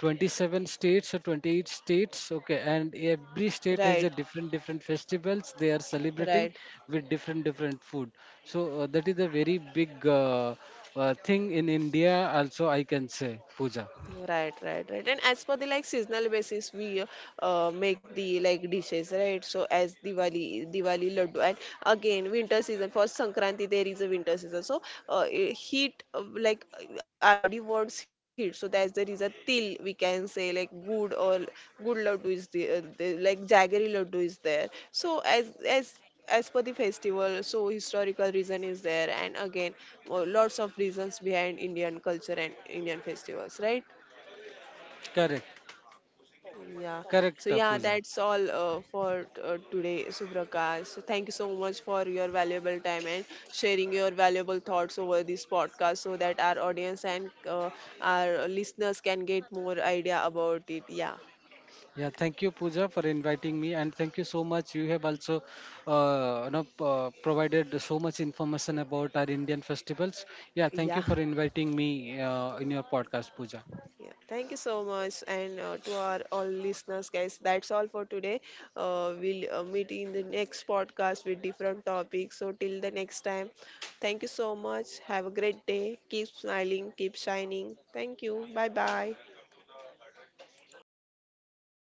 B: 27 states or 28 states. Okay, and every state has a
A: Right,
B: different different festivals they are celebrating
A: right.
B: with different different food. So that is a very big thing in India also, I can say, Pooja.
A: Right, right, right. And as per the like seasonal basis, we make the like dishes, right? So as Diwali, Diwali laddu, and again winter season for Sankranti, there is a winter season. So heat, like, our body wants heat, so that's there is a till, we can say like good or good laddu is the like jaggery laddu is there. So as per the festival, so historical reason is there, and again lots of reasons behind Indian culture and Indian festivals, right?
B: Correct.
A: Yeah. So
B: Correct,
A: yeah,
B: Pooja.
A: that's all for today, Suprakash. So thank you so much for your valuable time and sharing your valuable thoughts over this podcast, so that our audience and our listeners can get more idea about it. Yeah.
B: Yeah, thank you, Pooja, for inviting me, and thank you so much. You have also, you know, provided so much information about our Indian festivals. Yeah, thank you
A: Yeah.
B: for inviting me in your podcast, Pooja.
A: Yeah, thank you so much, and to our all listeners, guys, that's all for today. We'll meet in the next podcast with different topics. So, till the next time, thank you so much. Have a great day. Keep smiling, keep shining. Thank you. Bye bye.